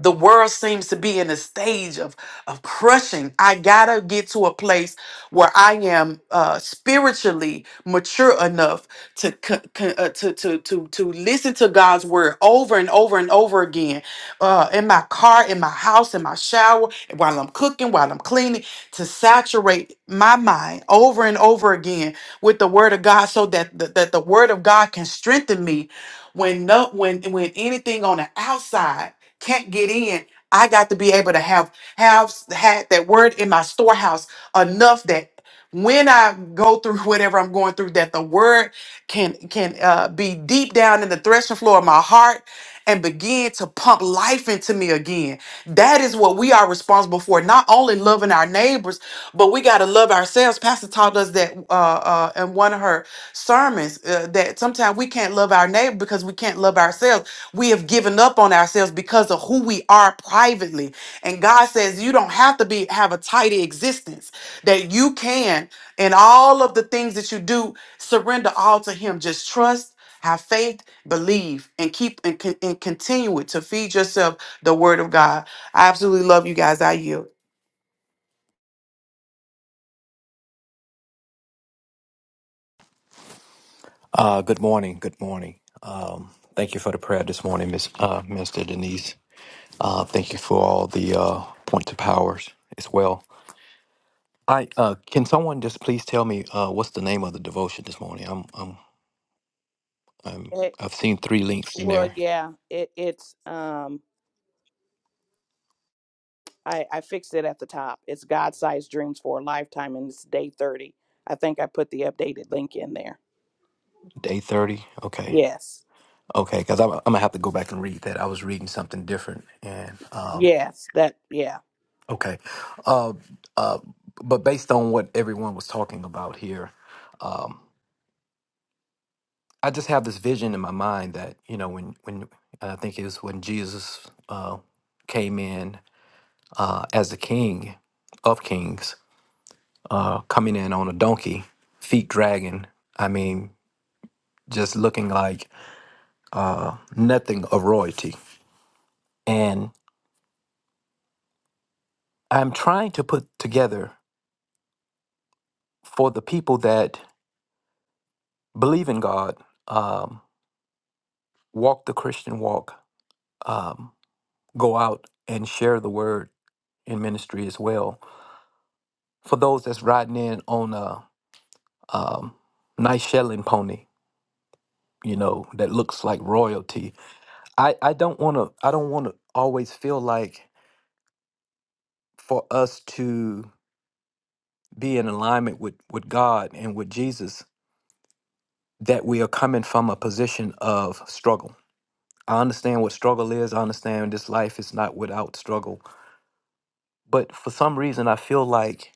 [SPEAKER 4] the world seems to be in a stage of, of crushing. I gotta get to a place where I am uh, spiritually mature enough to, co- co- uh, to, to, to, to listen to God's word over and over and over again uh, in my car, in my house, in my shower, while I'm cooking, while I'm cleaning, to saturate my mind over and over again with the word of God so that the, that the word of God can strengthen me when no when when anything on the outside can't get in. I got to be able to have have had that word in my storehouse enough that when I go through (laughs) whatever I'm going through, that the word can can uh, be deep down in the threshing floor of my heart and begin to pump life into me again. That is what we are responsible for. Not only loving our neighbors, but we got to love ourselves. Pastor taught us that uh, uh, in one of her sermons uh, that sometimes we can't love our neighbor because we can't love ourselves. We have given up on ourselves because of who we are privately, and God says you don't have to be have a tidy existence that you can in all of the things that you do surrender all to him just trust have faith believe and keep and, con- and continue it to feed yourself the word of god i absolutely love you guys i yield
[SPEAKER 5] Uh, good morning. Good morning. Um, thank you for the prayer this morning, Miss uh, Minister Denise. Uh, thank you for all the uh, points of powers as well. I uh, can someone just please tell me uh, what's the name of the devotion this morning? I'm, I'm, I'm
[SPEAKER 1] It,
[SPEAKER 5] I've seen three links in
[SPEAKER 1] well,
[SPEAKER 5] there.
[SPEAKER 1] yeah, it, it's um, I, I fixed it at the top. It's God sized dreams for a lifetime, and it's day thirty. I think I put the updated link in there.
[SPEAKER 5] Day thirty. Okay.
[SPEAKER 1] Yes,
[SPEAKER 5] Okay. Because I'm, I'm gonna have to go back and read that. I was reading something different. And um,
[SPEAKER 1] yes, that yeah.
[SPEAKER 5] okay. Uh, uh, but based on what everyone was talking about here. um, I just have this vision in my mind that you know when when I think it was when Jesus uh, came in uh, as the King of Kings, uh, coming in on a donkey, feet dragging. I mean, just looking like uh, nothing of royalty. And I'm trying to put together for the people that believe in God, um, walk the Christian walk, um, go out and share the word in ministry as well for those that's riding in on a um, nice shelling pony, you know, that looks like royalty. I, I don't want to. I don't want to always feel like for us to be in alignment with with God and with Jesus that we are coming from a position of struggle. I understand what struggle is. I understand this life is not without struggle. But for some reason, I feel like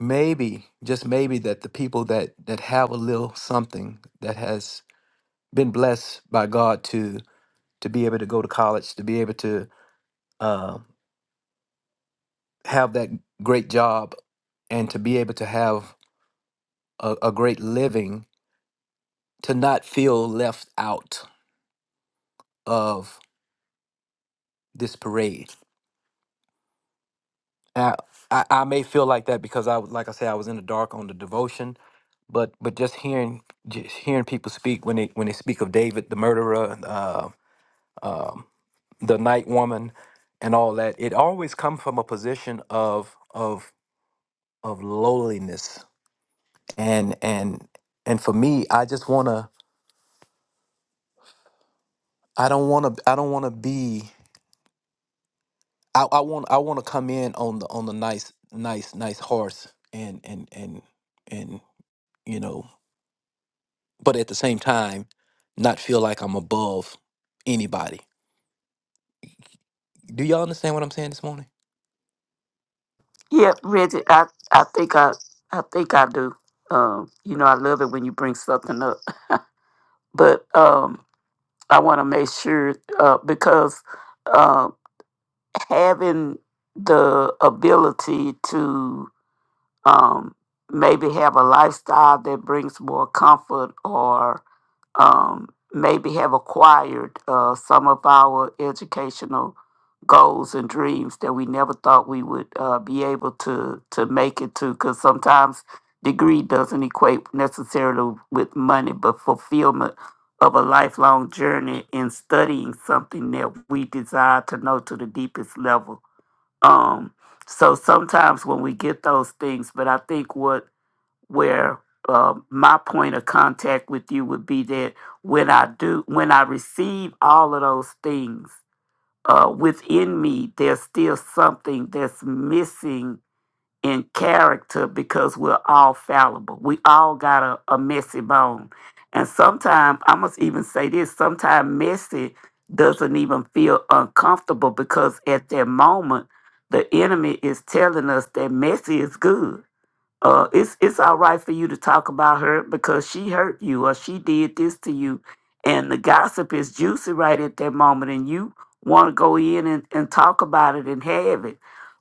[SPEAKER 5] maybe, just maybe, that the people that that have a little something that has been blessed by God to to be able to go to college, to be able to uh, have that great job, and to be able to have a, a great living, to not feel left out of this parade. Now, I, I may feel like that because I, was- like I said, I was in the dark on the devotion, but but just hearing just hearing people speak when they when they speak of David, the murderer, uh, um, the night woman, and all that, it always comes from a position of of of lowliness and and and for me i just want to i don't want to i don't want to be i i want i want to come in on the on the nice nice nice horse and and and and you know but at the same time not feel like i'm above anybody do y'all understand what i'm saying this morning
[SPEAKER 3] Yeah, Reggie, I, I think I I think I do. Um, you know, I love it when you bring something up. (laughs) But um I wanna make sure uh because uh, having the ability to um maybe have a lifestyle that brings more comfort or um, maybe have acquired uh, some of our educational goals and dreams that we never thought we would uh, be able to to make it to. Because sometimes degree doesn't equate necessarily with money, but fulfillment of a lifelong journey in studying something that we desire to know to the deepest level. Um, so sometimes when we get those things, but I think what where uh, my point of contact with you would be that when I do, when I receive all of those things uh, within me, there's still something that's missing in character because we're all fallible. We all got a, a messy bone. And sometimes, I must even say this sometimes messy doesn't even feel uncomfortable because at that moment, the enemy is telling us that messy is good uh, it's it's all right for you to talk about her because she hurt you or she did this to you, and the gossip is juicy right at that moment, and you want to go in and, and talk about it and have it.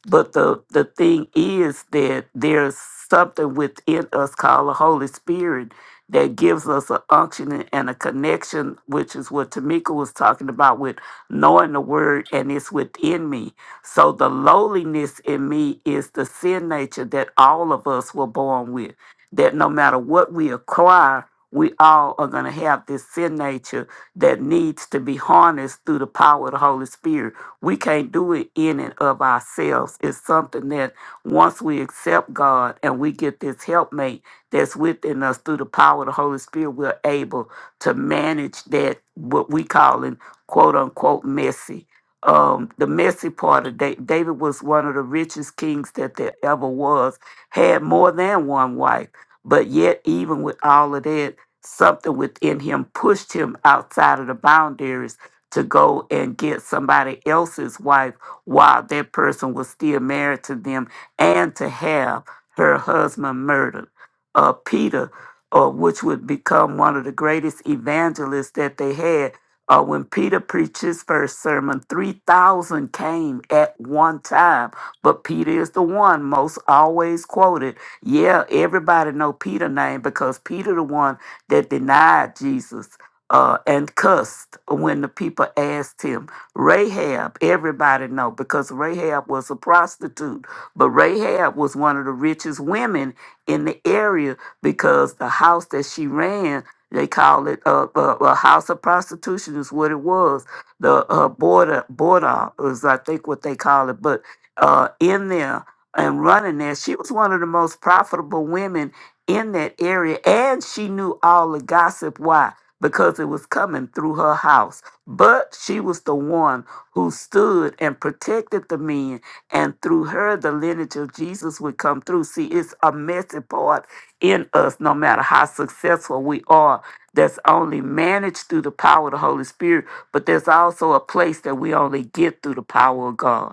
[SPEAKER 3] But the the thing is that there's something within us called the Holy Spirit that gives us an unction and and a connection, which is what Tamika was talking about with knowing the word and it's within me. So the lowliness in me is the sin nature that all of us were born with. That no matter what we acquire, we all are going to have this sin nature that needs to be harnessed through the power of the Holy Spirit. We can't do it in and of ourselves. It's something that once we accept God and we get this helpmate that's within us through the power of the Holy Spirit, we're able to manage that, what we call in quote unquote messy um, the messy part of David. David was one of the richest kings that there ever was, had more than one wife. But yet, even with all of that, something within him pushed him outside of the boundaries to go and get somebody else's wife while that person was still married to them and to have her husband murdered. Uh, Peter, uh, which would become one of the greatest evangelists that they had, uh, when Peter preached his first sermon, 3,000 came at one time. But Peter is the one most always quoted. Yeah, everybody know Peter name because Peter the one that denied Jesus uh, and cussed when the people asked him. Rahab, everybody know because Rahab was a prostitute. But Rahab was one of the richest women in the area because the house that she ran they call it a, a, a house of prostitution is what it was. The uh, border border is I think what they call it. But uh, in there and running there, she was one of the most profitable women in that area, and she knew all the gossip. Why? Because it was coming through her house. But she was the one who stood and protected the men, and through her, the lineage of Jesus would come through. See, it's a messy part in us, no matter how successful we are that's only managed through the power of the Holy Spirit, but there's also a place that we only get through the power of God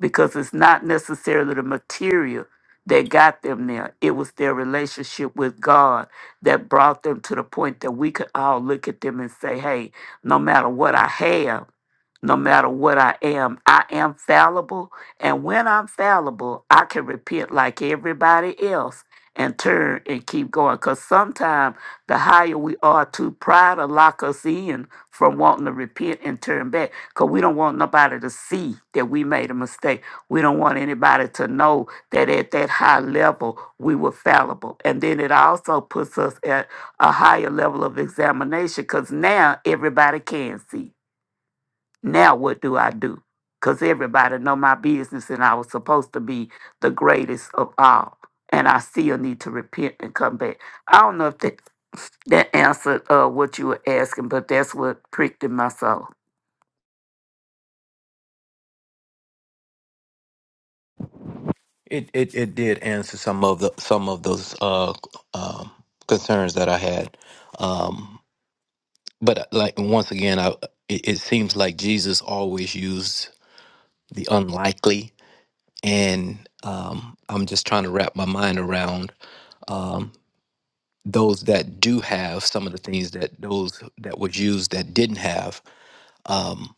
[SPEAKER 3] because it's not necessarily the material that got them there. It was their relationship with God that brought them to the point that we could all look at them and say, hey, no matter what I have, no matter what I am, I am fallible. And when I'm fallible, I can repent like everybody else and turn and keep going. Because sometimes the higher we are, too, pride will lock us in from wanting to repent and turn back. Because we don't want nobody to see that we made a mistake. We don't want anybody to know that at that high level we were fallible. And then it also puts us at a higher level of examination because now everybody can see. Now what do I do? Because everybody know my business and I was supposed to be the greatest of all. And I still need to repent and come back. I don't know if that, that answered uh, what you were asking, but that's what pricked in my soul.
[SPEAKER 5] it it, it did answer some of the some of those uh um concerns that i had um but uh, like once again i it, it seems like jesus always used the unlikely. And um, I'm just trying to wrap my mind around those that do have some of the things that those that was used that didn't have. Um,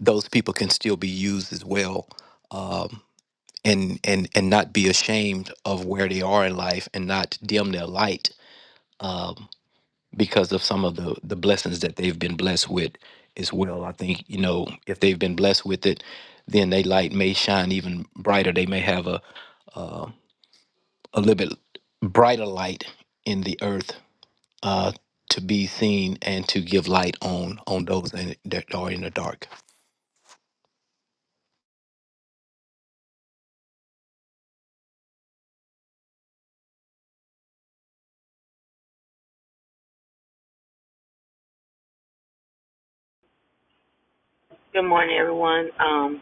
[SPEAKER 5] those people can still be used as well, um, and and and not be ashamed of where they are in life, and not dim their light um, because of some of the the blessings that they've been blessed with as well. I think you know if they've been blessed with it, then their light may shine even brighter. They may have a uh, a little bit brighter light in the earth uh, to be seen and to give light on on those in, that are in the dark.
[SPEAKER 6] Good morning, everyone. Um,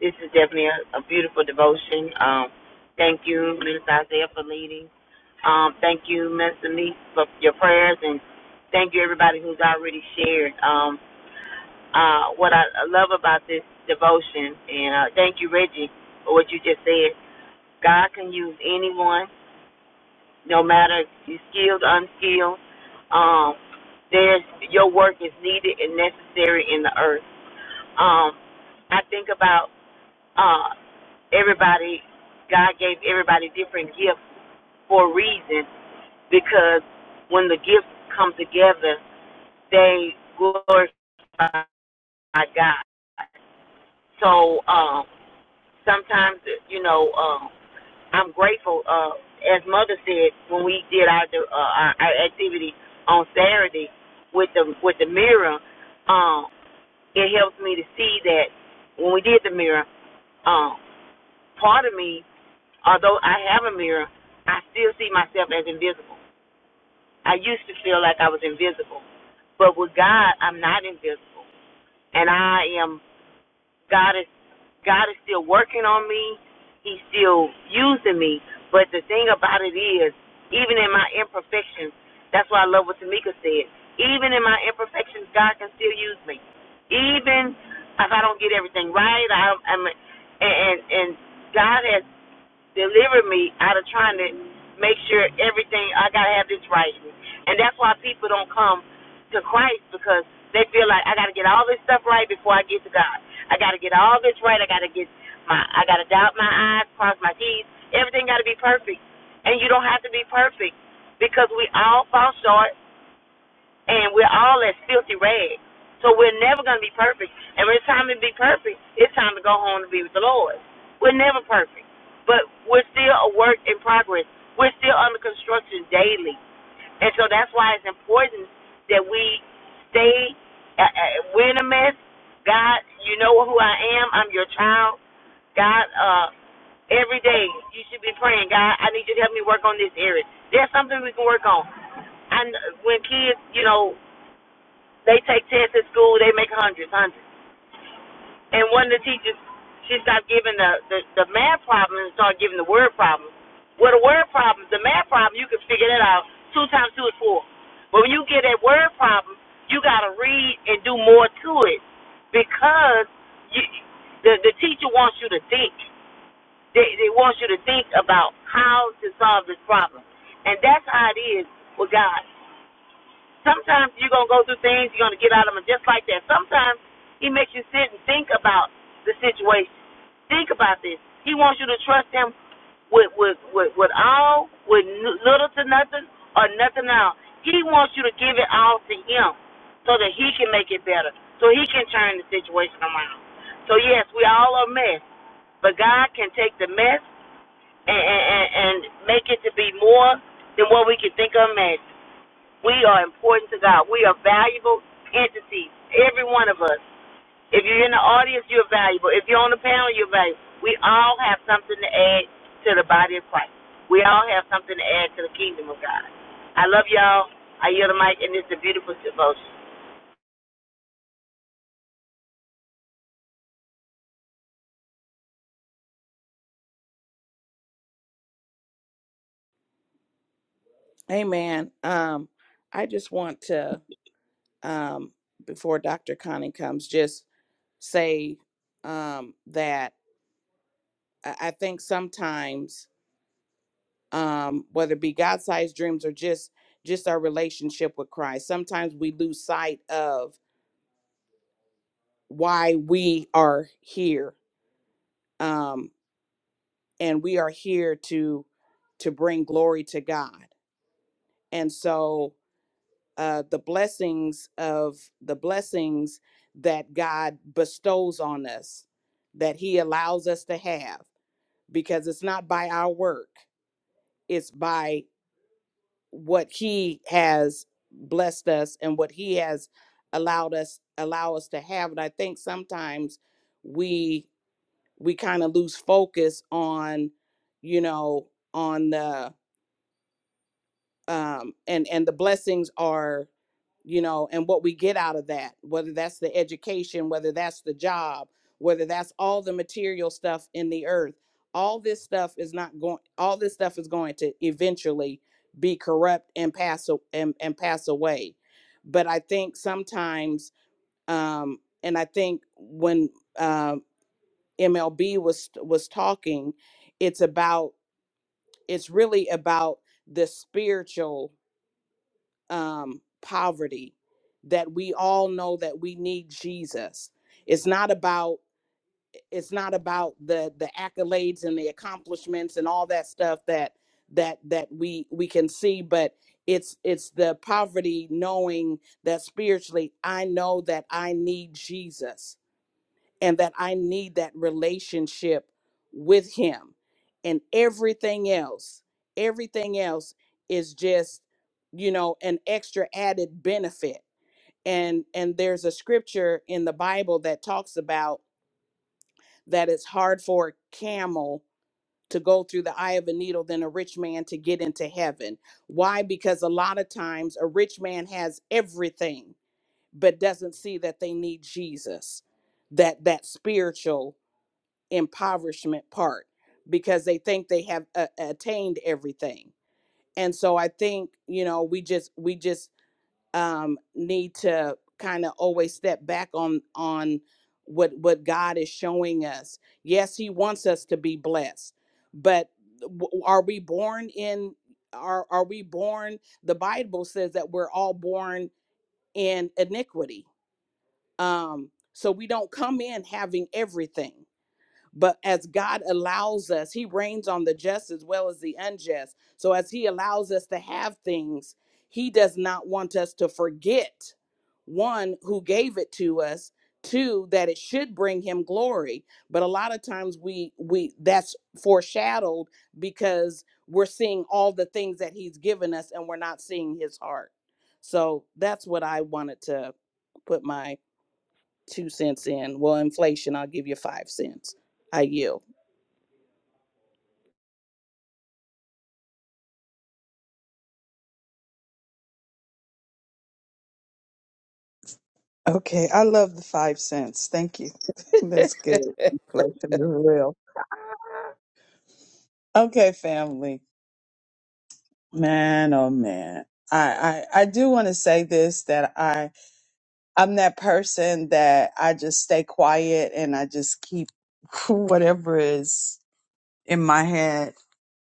[SPEAKER 6] this is definitely a, a beautiful devotion. Um, thank you, Minister Isaiah, for leading. Um, thank you, Minister Meeks, for your prayers, and thank you, everybody who's already shared. Um, uh, what I love about this devotion, and uh, thank you, Reggie, for what you just said. God can use anyone, no matter if you're skilled, or unskilled. Um, there's your work is needed and necessary in the earth. Um, I think about uh, everybody, God gave everybody different gifts for a reason because when the gifts come together, they glorify God. So um, sometimes, you know, um, I'm grateful. Uh, as Mother said, when we did our, uh, our our activity on Saturday with the with the mirror, um, it helps me to see that when we did the mirror, um, part of me Although I have a mirror, I still see myself as invisible. I used to feel like I was invisible, but with God, I'm not invisible, and I am. God is God is still working on me. He's still using me. But the thing about it is, even in my imperfections, that's why I love what Tamika said. Even in my imperfections, God can still use me. Even if I don't get everything right, I, I'm and and and God has deliver me out of trying to make sure everything I gotta have this right. And that's why people don't come to Christ because they feel like I gotta get all this stuff right before I get to God. I gotta get all this right. I gotta get my I gotta dot my I's, cross my T's. Everything gotta be perfect, and you don't have to be perfect because we all fall short and we're all as filthy rags. So we're never going to be perfect. And when it's time to be perfect, it's time to go home to be with the Lord. We're never perfect, but we're still a work in progress. We're still under construction daily, and so that's why it's important that we stay. Uh, uh, we're in a mess. God, you know who I am. I'm your child. God, uh, every day you should be praying. God, I need you to help me work on this area. There's something we can work on. and when kids, you know, they take tests at school. They make hundreds, hundreds. And one of the teachers, she stopped giving the the, the math problems and started giving the word problems. Well, the word problems, the math problem, you can figure that out. Two times two is four. But when you get that word problem, you got to read and do more to it because you, the the teacher wants you to think. They they want you to think about how to solve this problem, and that's how it is with God. Sometimes you're gonna go through things, you're gonna get out of them just like that. Sometimes he makes you sit and think about the situation. Think about this. He wants you to trust him with with with, with all, with n- little to nothing or nothing at all. He wants you to give it all to him so that he can make it better, so he can turn the situation around. So yes, we all are a mess, but God can take the mess and and, and and make it to be more than what we can think or imagine. We are important to God. We are valuable entities, every one of us. If you're in the audience, you're valuable. If you're on the panel, you're valuable. We all have something to add to the body of Christ. We all have something to add to the kingdom of God. I love y'all. I yield the mic, and it's a beautiful devotion.
[SPEAKER 1] Amen. Um, I just want to um, before Dr. Connie comes, just say um that I, I think sometimes um, whether it be God-sized dreams or just just our relationship with Christ. Sometimes we lose sight of why we are here, um, and we are here to to bring glory to God. And so uh, the blessings of the blessings that God bestows on us, that He allows us to have, because it's not by our work; it's by what he has blessed us and what he has allowed us allow us to have and i think sometimes we we kind of lose focus on you know on the um, and and the blessings are you know and what we get out of that whether that's the education whether that's the job whether that's all the material stuff in the earth all this stuff is not going all this stuff is going to eventually be corrupt and pass a- and, and pass away but i think sometimes um and i think when um mlb was was talking it's about it's really about the spiritual um, poverty that we all know that we need jesus it's not about it's not about the the accolades and the accomplishments and all that stuff that that that we we can see but it's it's the poverty knowing that spiritually i know that i need jesus and that I need that relationship with him. And everything else, everything else is just, you know, an extra added benefit. And and there's a scripture in the Bible that talks about that it's hard for a camel to go through the eye of a needle than a rich man to get into heaven. Why? Because a lot of times a rich man has everything but doesn't see that they need Jesus. That that spiritual impoverishment part because they think they have uh, attained everything. And so I think, you know, we just we just um need to kind of always step back on on what what God is showing us. Yes, he wants us to be blessed. But w- are we born in are are we born the Bible says that we're all born in iniquity. Um so we don't come in having everything but as God allows us, He reigns on the just as well as the unjust. So as He allows us to have things, He does not want us to forget one, who gave it to us, two, that it should bring Him glory. But a lot of times we we that's foreshadowed because we're seeing all the things that He's given us and we're not seeing His heart. So that's what I wanted to put my two cents in. Well, inflation, I'll give you five cents. I yield.
[SPEAKER 7] Okay, I love the five cents. Thank you. (laughs) That's good. Inflation is real. Okay, family. Man, oh man. I, I, I do want to say this that I I'm that person that I just stay quiet and I just keep (laughs) whatever is in my head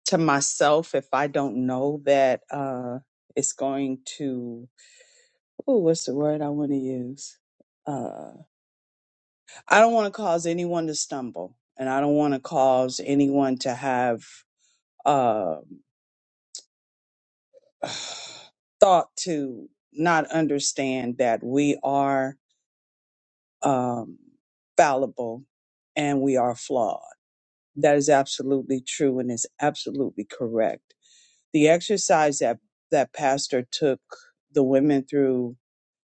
[SPEAKER 7] to myself if I don't know that uh it's going to oh what's the word I want to use? Uh, I don't want to cause anyone to stumble, and I don't want to cause anyone to have uh, (sighs) thought to not understand that we are um, fallible and we are flawed. That is absolutely true and is absolutely correct. The exercise that that pastor took the women through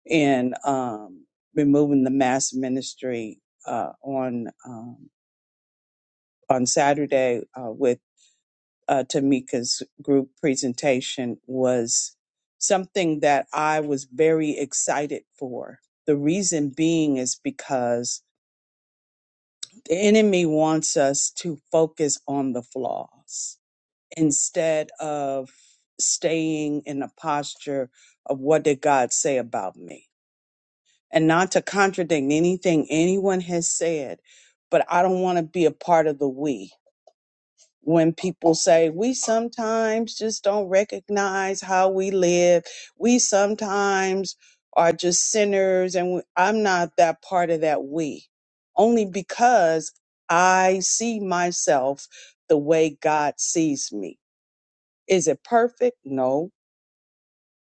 [SPEAKER 7] in um, removing the mass ministry uh, on um, on Saturday uh, with uh, Tamika's group presentation was something that I was very excited for. The reason being is because the enemy wants us to focus on the flaws instead of staying in a posture of what did God say about me? And not to contradict anything anyone has said, but I don't want to be a part of the we. when people say we sometimes just don't recognize how we live we sometimes are just sinners and we, i'm not that part of that we only because i see myself the way god sees me is it perfect no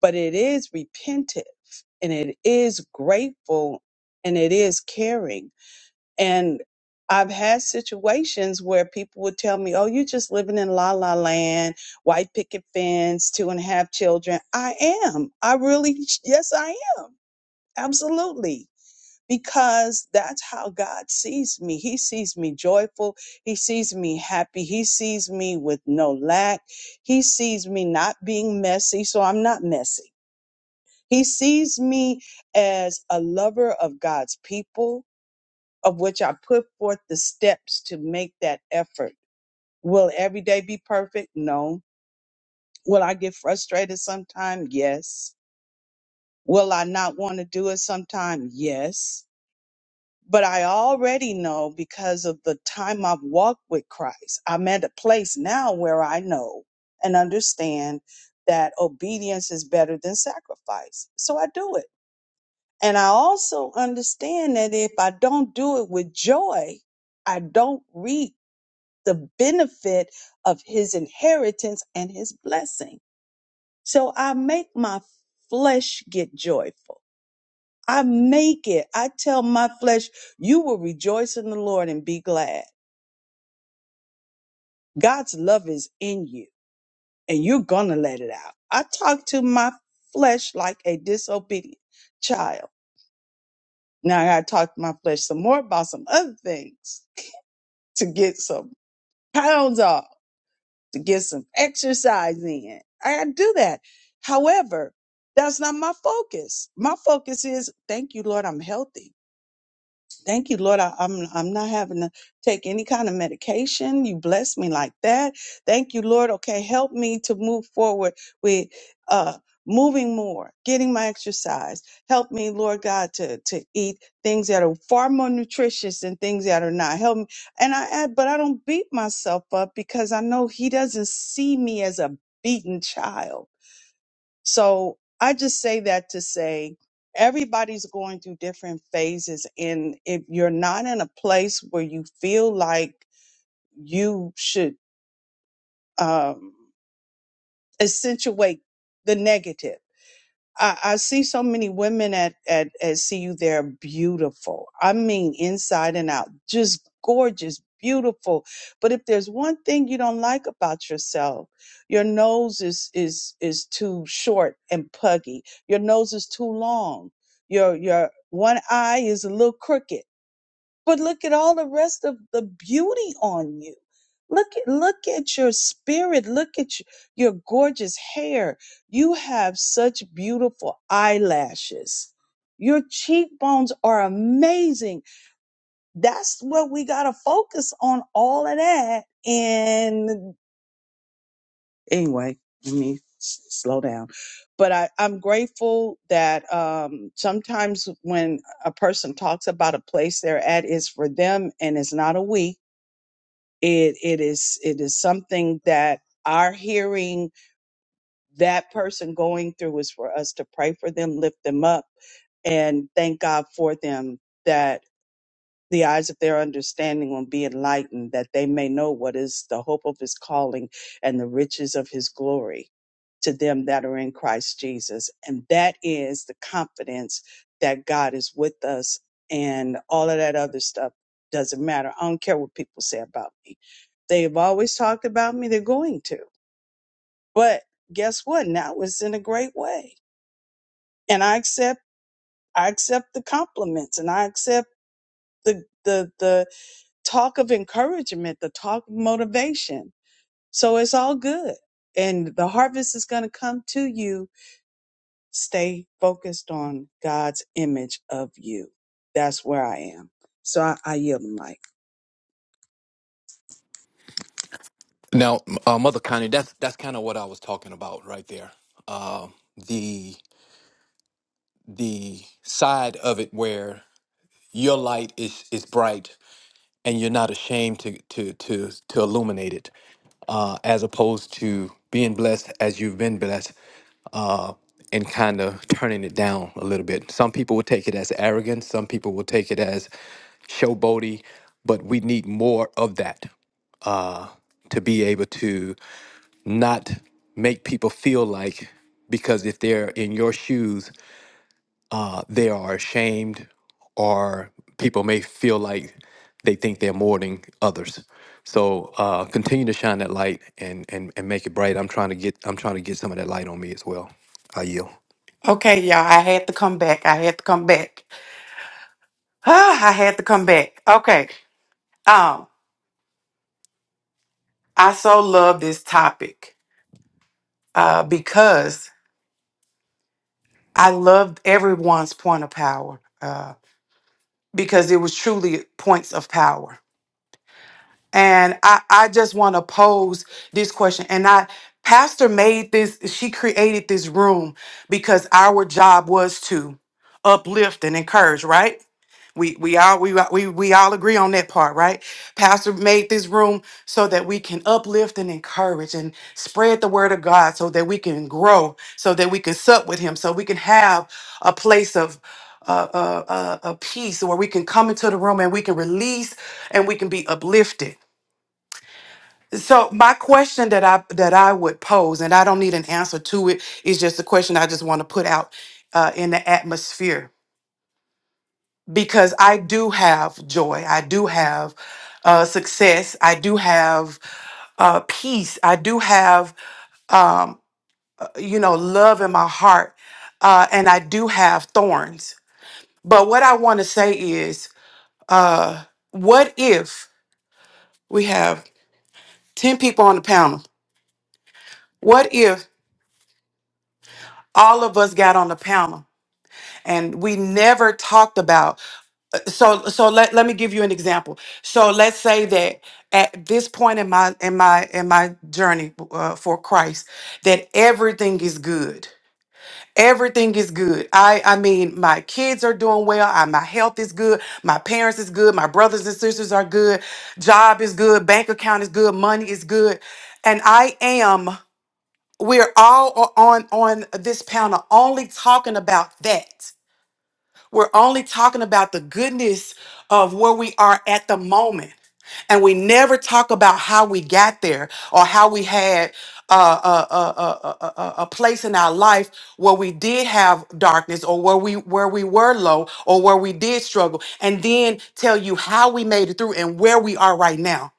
[SPEAKER 7] but it is repentive and it is grateful and it is caring and I've had situations where people would tell me, Oh, you're just living in la la land, white picket fence, two and a half children. I am. I really, (laughs) yes, I am. Absolutely. Because that's how God sees me. He sees me joyful. He sees me happy. He sees me with no lack. He sees me not being messy. So I'm not messy. He sees me as a lover of God's people of which I put forth the steps to make that effort. Will every day be perfect? No. Will I get frustrated sometime? Yes. Will I not want to do it sometime? Yes. But I already know because of the time I've walked with Christ. I'm at a place now where I know and understand that obedience is better than sacrifice. So I do it. And I also understand that if I don't do it with joy, I don't reap the benefit of his inheritance and his blessing. So I make my flesh get joyful. I make it. I tell my flesh, you will rejoice in the Lord and be glad. God's love is in you and you're going to let it out. I talk to my flesh like a disobedient child. Now I got to talk to my flesh some more about some other things to get some pounds off to get some exercise in. I do that. However, that's not my focus. My focus is thank you, Lord, I'm healthy. Thank you, Lord. I, I'm I'm not having to take any kind of medication. You bless me like that. Thank you, Lord. Okay, help me to move forward with uh moving more, getting my exercise. Help me, Lord God, to to eat things that are far more nutritious than things that are not. Help me. And I add, but I don't beat myself up because I know He doesn't see me as a beaten child so I just say that to say everybody's going through different phases. And if you're not in a place where you feel like you should um, accentuate the negative, I, I see so many women at, at, at CU. They're beautiful. I mean, inside and out, just gorgeous, beautiful. But if there's one thing you don't like about yourself, your nose is, is, is too short and puggy. Your nose is too long. Your, your one eye is a little crooked but look at all the rest of the beauty on you. Look at look at your spirit. Look at your, your gorgeous hair. You have such beautiful eyelashes. Your cheekbones are amazing. That's what we gotta focus on. All of that. And anyway, let me s- slow down. But I, I'm grateful that um, sometimes when a person talks about a place they're at is for them and it's not a we it it is it is something that our hearing that person going through is for us to pray for them lift them up and thank god for them that the eyes of their understanding will be enlightened, that they may know what is the hope of his calling and the riches of his glory to them that are in Christ Jesus. And that is the confidence that God is with us and all of that other stuff doesn't matter. I don't care what people say about me. They have always talked about me, they're going to. But guess what? Now it's in a great way. And I accept I accept the compliments and I accept the the the talk of encouragement, the talk of motivation. So it's all good. And the harvest is going to come to you. Stay focused on God's image of you. That's where I am. So I, I yield the mic.
[SPEAKER 5] Now, uh, Mother Connie, that's that's kind of what I was talking about right there. Uh, the the side of it where your light is is bright and you're not ashamed to to to to illuminate it uh, as opposed to being blessed as you've been blessed uh, and kind of turning it down a little bit. Some people will take it as arrogance, some people will take it as showboaty, but we need more of that uh, to be able to not make people feel like because if they're in your shoes uh, they are ashamed or people may feel like they think they're more than others so uh, continue to shine that light and, and and make it bright i'm trying to get i'm trying to get some of that light on me as well i yield
[SPEAKER 4] okay y'all i had to come back i had to come back (sighs) ah, i had to come back okay um i so love this topic uh because i loved everyone's point of power uh because it was truly points of power And I, I just want to pose this question. And I, Pastor made this, she created this room because our job was to uplift and encourage, right? We, we all we, we we all agree on that part, right? Pastor made this room so that we can uplift and encourage and spread the word of God so that we can grow, so that we can sup with him, so we can have a place of uh, uh, uh, a peace where we can come into the room and we can release and we can be uplifted. So my question that I that I would pose, and I don't need an answer to it, is just a question I just want to put out uh, in the atmosphere because I do have joy, I do have uh, success, I do have uh, peace, I do have um, you know love in my heart, uh, and I do have thorns. But what I want to say is, uh, what if we have ten people on the panel? What if all of us got on the panel? and we never talked about so so let, let me give you an example so let's say that at this point in my in my in my journey uh, for christ that everything is good everything is good i i mean my kids are doing well I, my health is good my parents is good my brothers and sisters are good job is good bank account is good money is good and i am we're all o- on on this panel only talking about that we're only talking about the goodness of where we are at the moment. And we never talk about how we got there or how we had uh, a, a, a, a, a a place in our life where we did have darkness or where we where we were low or where we did struggle and then tell you how we made it through and where we are right now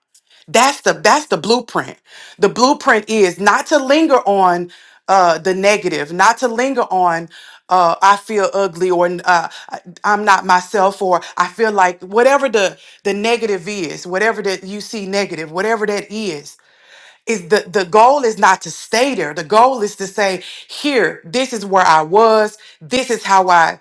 [SPEAKER 4] that's the that's the blueprint. The blueprint is not to linger on uh, the negative, not to linger on uh, I feel ugly or uh, I- I'm not myself or I feel like whatever the the negative is, whatever that you see negative, whatever that is, is the the goal is not to stay there. The goal is to say, here, this is where I was. This is how I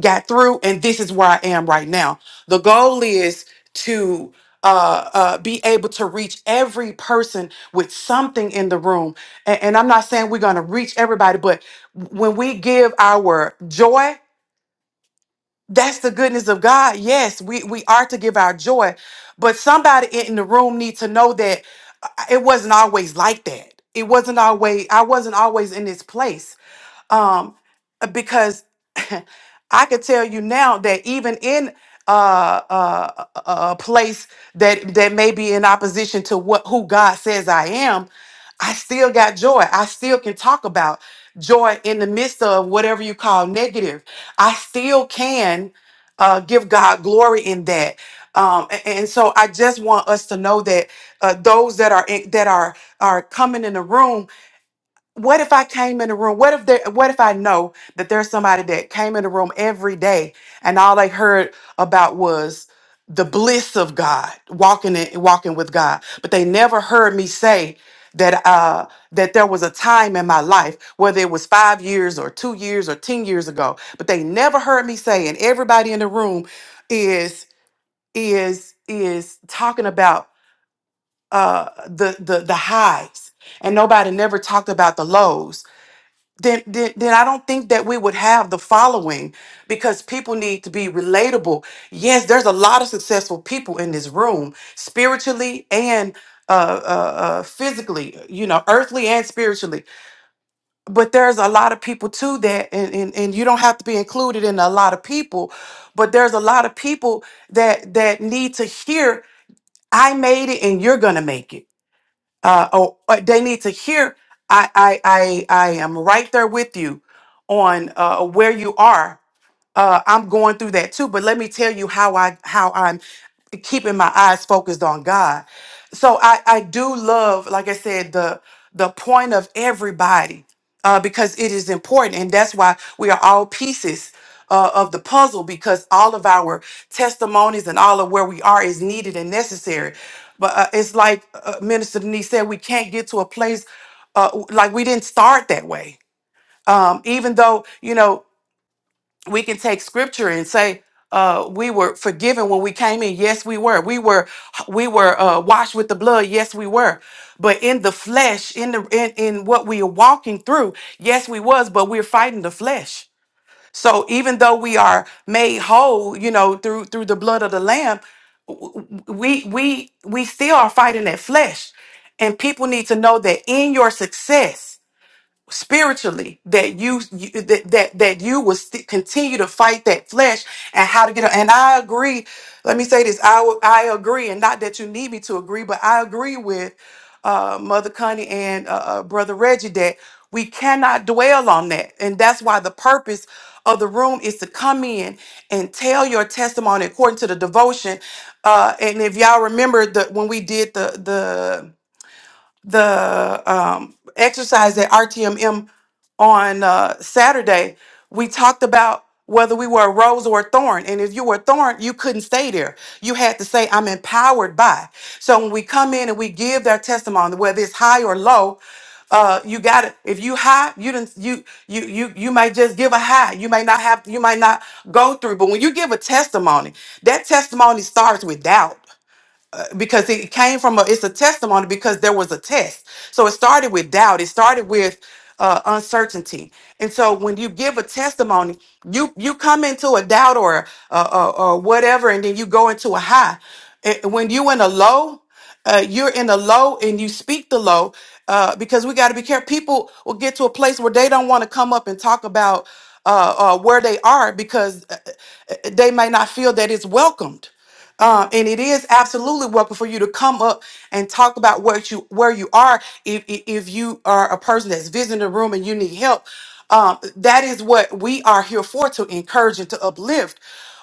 [SPEAKER 4] got through and this is where i am right now the goal is to uh, uh, be able to reach every person with something in the room and, and i'm not saying we're going to reach everybody but when we give our joy that's the goodness of god yes we, we are to give our joy but somebody in the room needs to know that uh, it wasn't always like that it wasn't always i wasn't always in this place Um, uh, because (laughs) I could tell you now that even in uh, uh, a a- a place that that may be in opposition to what who God says I am, I still got joy. I still can talk about joy in the midst of whatever you call negative. I still can uh, give God glory in that. Um, a- and, so I just want us to know that uh, those that are in, that are are coming in the room what if I came in the room? What if there what if I know that there's somebody that came in the room every day and all they heard about was the bliss of God, walking in, walking with God. But they never heard me say that uh that there was a time in my life, whether it was five years or two years or ten years ago, but they never heard me say, and everybody in the room is is is talking about uh the the the highs and nobody never talked about the lows then, then, then I don't think that we would have the following because people need to be relatable. Yes, there's a lot of successful people in this room, spiritually and uh, uh, uh, physically, you know, earthly and spiritually. But there's a lot of people too that, and, and, and you don't have to be included in a lot of people, but there's a lot of people that that need to hear, I made it and you're gonna make it uh, oh, uh, they need to hear. I, I, I, I am right there with you on uh, where you are uh, I'm going through that too. But let me tell you how I how I'm keeping my eyes focused on God. So I I do love, like I said, the the point of everybody uh, because it is important, and that's why we are all pieces. Uh, of the puzzle because all of our testimonies and all of where we are is needed and necessary but uh, it's like uh, minister denise said we can't get to a place uh, like we didn't start that way um, even though you know we can take scripture and say uh, we were forgiven when we came in yes we were we were we were uh, washed with the blood yes we were but in the flesh in the in, in what we are walking through yes we was but we're fighting the flesh so even though we are made whole you know through through the blood of the lamb we we we still are fighting that flesh and people need to know that in your success spiritually that you, you that, that that you will st- continue to fight that flesh and how to get up. and I agree let me say this I would- I agree and not that you need me to agree but I agree with uh mother Connie and uh, uh brother Reggie that we cannot dwell on that and that's why the purpose of the room is to come in and tell your testimony according to the devotion uh and if y'all remember the when we did the the the um, exercise at RTMM on uh, Saturday, we talked about whether we were a rose or a thorn. And if you were a thorn, you couldn't stay there. You had to say, I'm empowered by. So when we come in and we give their testimony, whether it's high or low, uh, you got to If you high, you didn't. You you you you might just give a high. You may not have. You might not go through. But when you give a testimony, that testimony starts with doubt because it came from a it's a testimony because there was a test so it started with doubt it started with uh, uncertainty and so when you give a testimony you you come into a doubt or uh, uh, or whatever and then you go into a high Eh, when you in a low uh, you're in a low and you speak the low uh, because we got to be careful. People will get to a place where they don't want to come up and talk about uh, uh, where they are because uh, uh, they may not feel that it's welcomed. Um, and it is absolutely welcome for you to come up and talk about what you where you are. If if if you are a person that's visiting the room and you need help, um, that is what we are here for to encourage and to uplift.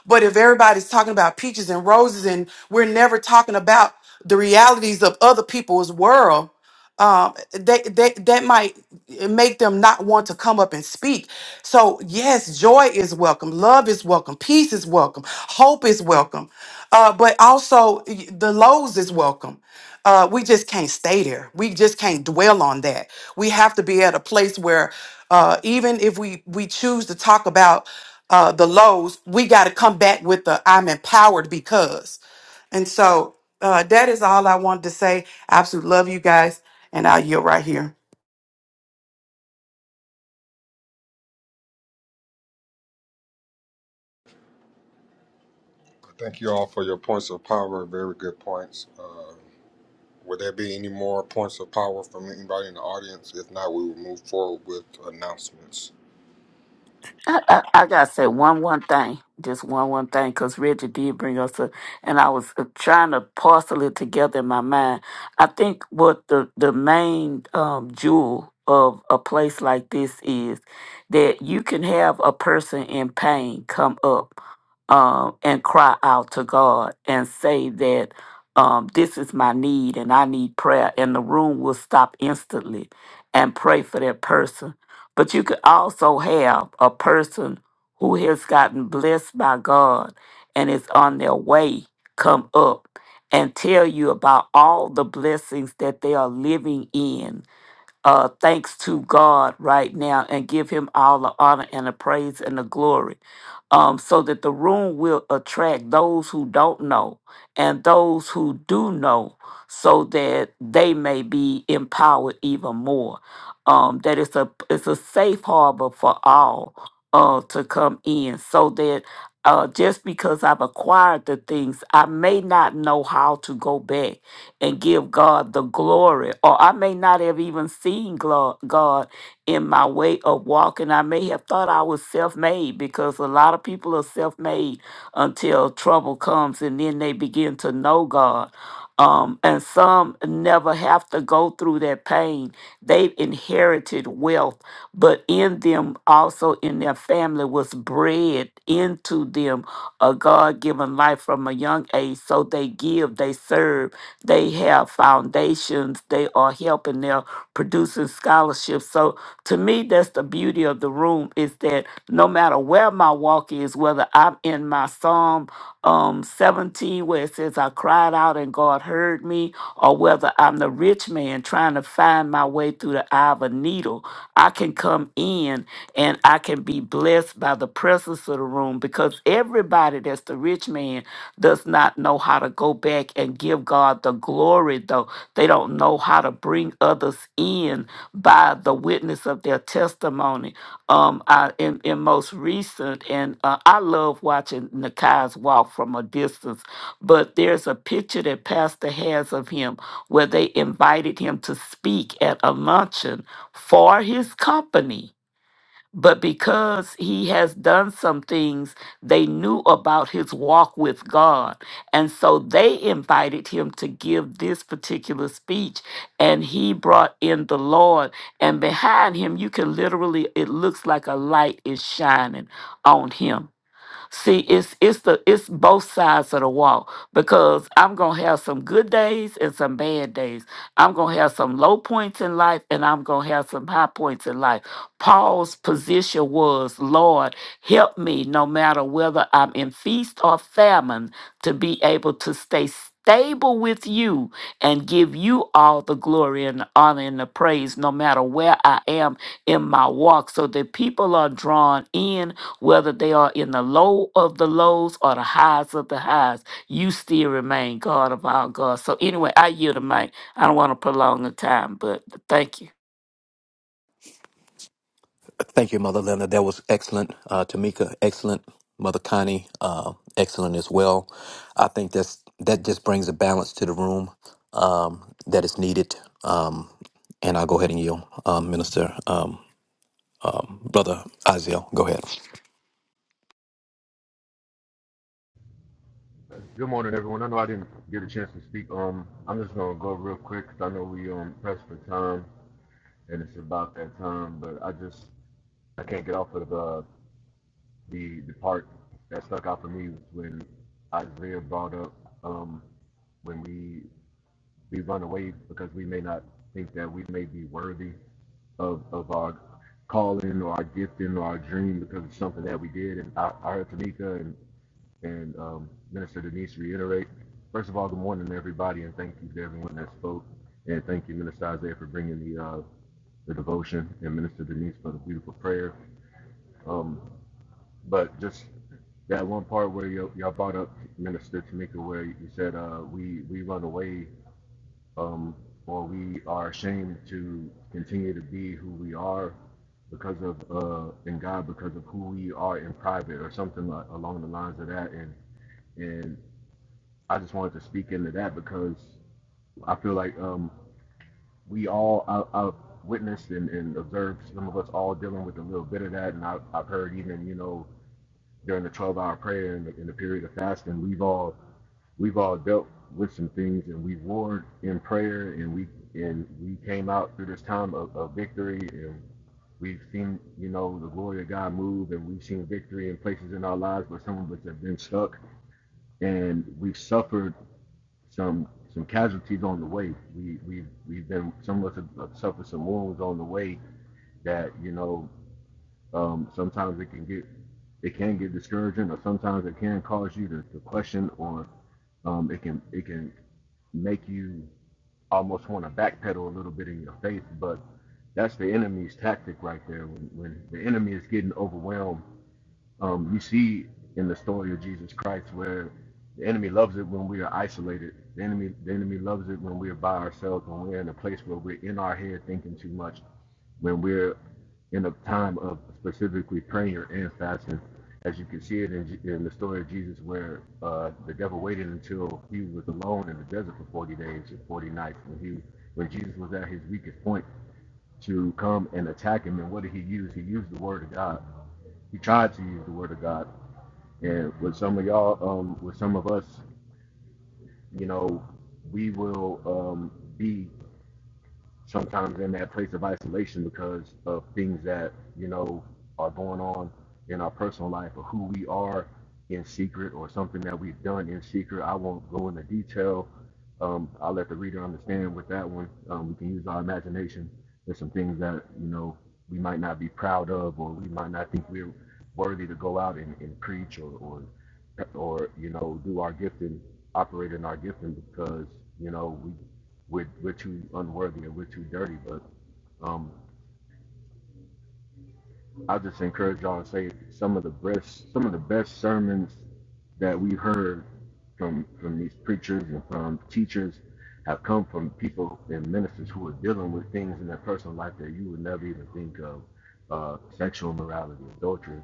[SPEAKER 4] But if everybody's talking about peaches and roses and we're never talking about the realities of other people's world, um they, they that might make them not want to come up and speak so yes joy is welcome love is welcome peace is welcome hope is welcome uh but also y- the lows is welcome uh we just can't stay there we just can't dwell on that we have to be at a place where uh even if we we choose to talk about uh the lows we got to come back with the i'm empowered because and so uh, that is all I wanted to say. I absolutely love you guys. And I'll yield right here.
[SPEAKER 2] Thank you all for your points of power. Very good points. Uh, would there be any more points of power from anybody in the audience? If not, we will move forward with announcements.
[SPEAKER 3] I, I, I gotta say one one thing, just one one thing, because Reggie did bring us up, and I was uh, trying to parcel it together in my mind. I think what the the main um, jewel of a place like this is that you can have a person in pain come up um, and cry out to God and say that um, this is my need and I need prayer, and the room will stop instantly and pray for that person but you could also have a person who has gotten blessed by God and is on their way come up and tell you about all the blessings that they are living in uh, thanks to God right now and give him all the honor and the praise and the glory um, so that the room will attract those who don't know and those who do know so that they may be empowered even more um, that it's a it's a safe harbor for all uh, to come in so that uh, just because I've acquired the things, I may not know how to go back and give God the glory. Or I may not have even seen glo- God in my way of walking. I may have thought I was self made because a lot of people are self made until trouble comes and then they begin to know God. Um, and some never have to go through that pain. They've inherited wealth, but in them, also in their family, was bred into them a God given life from a young age. So they give, they serve, they have foundations. They are helping. They're producing scholarships. So to me, that's the beauty of the room is that no matter where my walk is, whether I'm in my Psalm um, 17 where it says I cried out and God heard me, or whether I'm the rich rich man trying to find my way through the eye of a needle. I can come in and I can be blessed by the presence of the room because everybody that's the rich man does not know how to go back and give God the glory, though. They don't know how to bring others in by the witness of their testimony. Um, I, in, in most recent, and uh, I love watching Nakai's walk from a distance, but there's a picture that Pastor has of him where they invited him to speak at a luncheon for his company. But because he has done some things, they knew about his walk with God. And so they invited him to give this particular speech. And he brought in the Lord. And behind him, you can literally, it looks like a light is shining on him See, it's it's the it's both sides of the wall because I'm gonna have some good days and some bad days. I'm gonna have some low points in life and I'm gonna have some high points in life. Paul's position was, Lord, help me no matter whether I'm in feast or famine to be able to stay stable with you and give you all the glory and the honor and the praise no matter where I am in my walk so that people are drawn in whether they are in the low of the lows or the highs of the highs, you still remain God of our God. So anyway, I yield the mic. I don't want to prolong the time, but thank you.
[SPEAKER 5] thank you mother linda that was excellent uh, tamika excellent mother connie uh, excellent as well i think that's that just brings a balance to the room um, that is needed um, and i'll go ahead and yield um, minister um, um, brother Aziel, go ahead
[SPEAKER 8] Good morning, everyone. I know I didn't get a chance to speak. Um, I'm just gonna go real quick because I know we um pressed for time, and it's about that time. But I just I can't get off of the the the part that stuck out for me was when Isaiah brought up um when we we run away because we may not think that we may be worthy of of our calling or our gifting or our dream because it's something that we did. And I, I heard Tamika and and um, Minister Denise reiterate. First of all, good morning, everybody, and thank you to everyone that spoke. And thank you, Minister Isaiah, for bringing the, uh, the devotion, and Minister Denise for the beautiful prayer. Um, but just that one part where y'all brought up, Minister Tamika, where you said uh, we, we run away um, or we are ashamed to continue to be who we are because of uh in God because of who we are in private or something like, along the lines of that and and I just wanted to speak into that because I feel like um, we all I, have witnessed and, and observed some of us all dealing with a little bit of that, and I, I've heard even you know during the 12-hour prayer and the, and the period of fasting, we've all we've all dealt with some things, and we warred in prayer, and we and we came out through this time of, of victory, and we've seen you know the glory of God move, and we've seen victory in places in our lives where some of us have been stuck, and we've suffered some some casualties on the way. We we we've been some of us have suffered some wounds on the way that you know um, sometimes it can get it can get discouraging, or sometimes it can cause you to, to question, or um, it can it can make you almost want to backpedal a little bit in your faith. But that's the enemy's tactic right there. When when the enemy is getting overwhelmed um, we see in the story of Jesus Christ where the enemy loves it when we are isolated. The enemy, the enemy loves it when we are by ourselves, when we're in a place where we're in our head thinking too much, when we're in a time of specifically prayer and fasting. As you can see it in, in the story of Jesus, where uh, the devil waited until he was alone in the desert for 40 days and 40 nights, when he, when Jesus was at his weakest point, to come and attack him. And what did he use? He used the word of God. He tried to use the word of God and with some of y'all, um, with some of us, you know, we will um, be sometimes in that place of isolation because of things that you know are going on in our personal life or who we are in secret or something that we've done in secret. I won't go into detail. Um, I'll let the reader understand with that one. Um, we can use our imagination. There's some things that you know we might not be proud of or we might not think we're worthy to go out and, and preach or, or or you know do our gifting, operate in our gifting because you know we we're, we're too unworthy or we're too dirty. But um, I just encourage y'all to say some of the best some of the best sermons that we heard from from these preachers and from teachers have come from people and ministers who are dealing with things in their personal life that you would never even think of. Uh, sexual morality, adultery,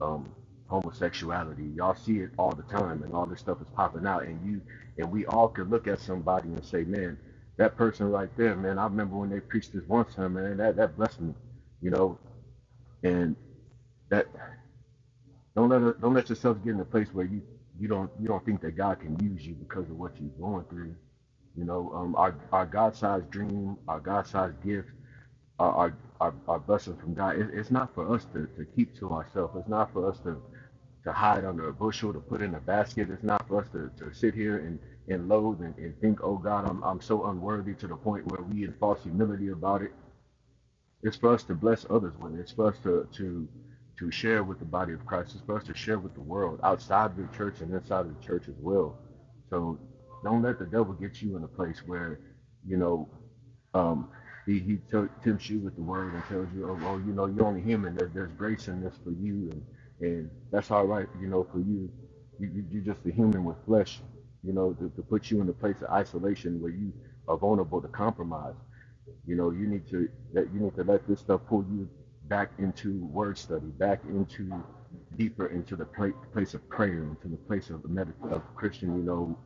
[SPEAKER 8] um, homosexuality. Y'all see it all the time and all this stuff is popping out and you and we all could look at somebody and say, Man, that person right there, man, I remember when they preached this one time, man, that, that blessed me. You know, and. That don't let it, don't let yourself get in a place where you you don't you don't think that God can use you because of what you're going through. You know, um, our our God-sized dream, our God-sized gift, our our, our, our blessing from God. It, it's not for us to, to keep to ourselves. It's not for us to to hide under a bushel, to put in a basket. It's not for us to, to sit here and, and loathe and, and think, oh God, I'm, I'm so unworthy to the point where we in false humility about it it's for us to bless others with it. It's for us to to to share with the body of Christ. It's for us to share with the world outside of the church and inside of the church as well. So don't let the devil get you in a place where you know um, he he t- tempts you with the word and tells you, oh well, you know you're only human. There, there's grace in this for you, and and that's all right, you know, for you. You, you you're just a human with flesh, you know, to, to put you in a place of isolation where you are vulnerable to compromise. You know, you need to that you need to let this stuff pull you back into word study, back into deeper into the pla- place of prayer, into the place of the med- of Christian. You know,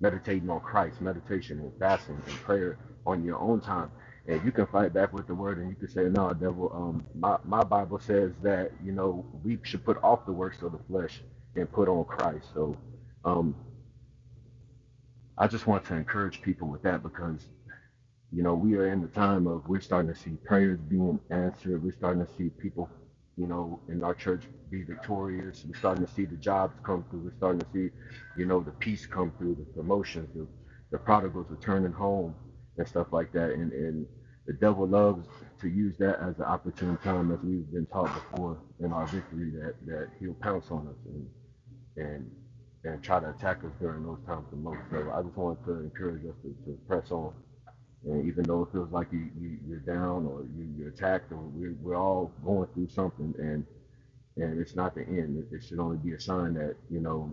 [SPEAKER 8] meditating on Christ, meditation and fasting and prayer on your own time. And you can fight back with the word, and you can say, "No, devil. Um, my my Bible says that you know we should put off the works of the flesh and put on Christ." So, um, I just want to encourage people with that because you know, we are in the time of we're starting to see prayers being answered. We're starting to see people, you know, in our church be victorious. We're starting to see the jobs come through. We're starting to see, you know, the peace come through, the promotions, the, the prodigals returning home and stuff like that. And and the devil loves to use that as an opportune time, as we've been taught before in our victory, that that he'll pounce on us and and and try to attack us during those times the most. So I just wanted to encourage us to, to press on and even though it feels like you, you you're down or you, you're attacked or we're, we're all going through something and and it's not the end. It, it should only be a sign that you know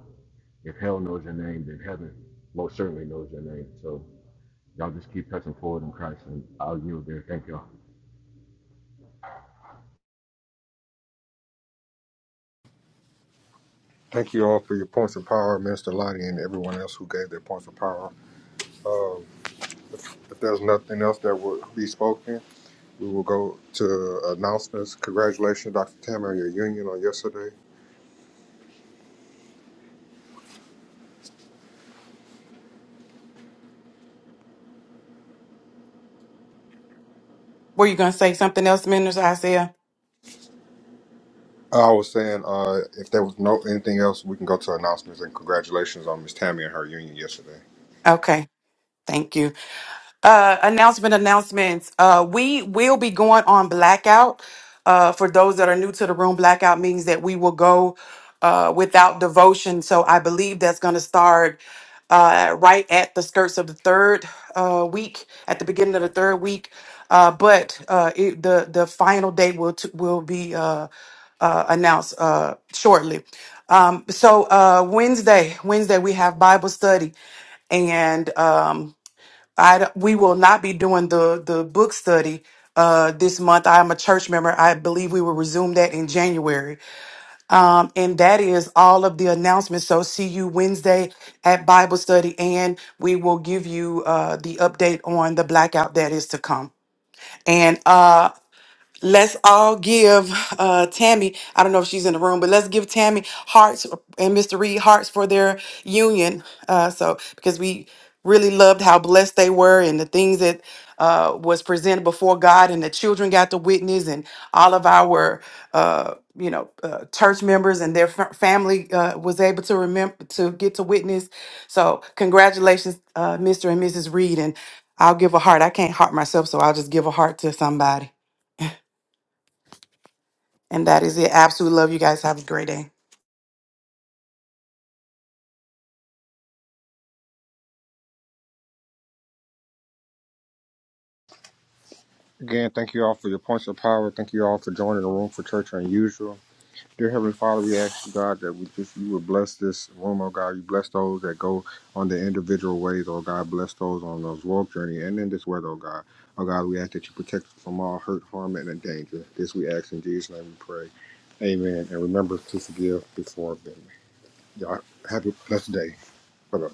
[SPEAKER 8] if hell knows your name, then heaven most certainly knows your name. So y'all just keep pressing forward in Christ, and I'll yield there. Thank y'all.
[SPEAKER 2] Thank you all for your points of power, Minister Lottie, and everyone else who gave their points of power. Uh, if there's nothing else that will be spoken, we will go to announcements. Congratulations, Dr. Tam, on your union on yesterday.
[SPEAKER 4] Were you going to say something else, Minister Isaiah?
[SPEAKER 2] I was saying, uh, if there was no anything else, we can go to announcements and congratulations on Miss Tammy and her union yesterday.
[SPEAKER 4] Okay. Thank you. uh, announcement announcements. Uh, we will be going on blackout. Uh, for those that are new to the room, blackout means that we will go uh, without devotion. So I believe that's going to start uh, right at the skirts of the third uh, week, at the beginning of the third week. Uh, but uh, it, the the final date will t- will be uh, uh, announced uh, shortly. Um, so uh, Wednesday, Wednesday we have Bible study, and um, I d- we will not be doing the the book study uh, this month. I am a church member. I believe we will resume that in January. Um, and that is all of the announcements. So see you Wednesday at Bible study, and we will give you uh, the update on the blackout that is to come. And uh, Let's all give uh, Tammy, I don't know if she's in the room, but let's give Tammy hearts and Mr. Reed hearts for their union. Uh, so, because we really loved how blessed they were and the things that uh, was presented before God, and the children got to witness, and all of our, uh, you know, uh, church members and their fa- family uh, was able to remember to get to witness. So, congratulations, uh, Mr. and Mrs. Reed. And I'll give a heart. I can't heart myself, so I'll just give a heart to somebody. And that is it. Absolutely love you guys. Have a great day.
[SPEAKER 2] Again, thank you all for your points of power. Thank you all for joining the room for Church Unusual. Dear Heavenly Father, we ask you, God, that we just you would bless this room, oh God. You bless those that go on their individual ways, oh God. Bless those on those walk journey and in this weather, oh God. Oh God, we ask that you protect us from all hurt, harm, and danger. This we ask in Jesus' name we pray. Amen. And remember to forgive before offending. Y'all have a blessed day. Bye-bye.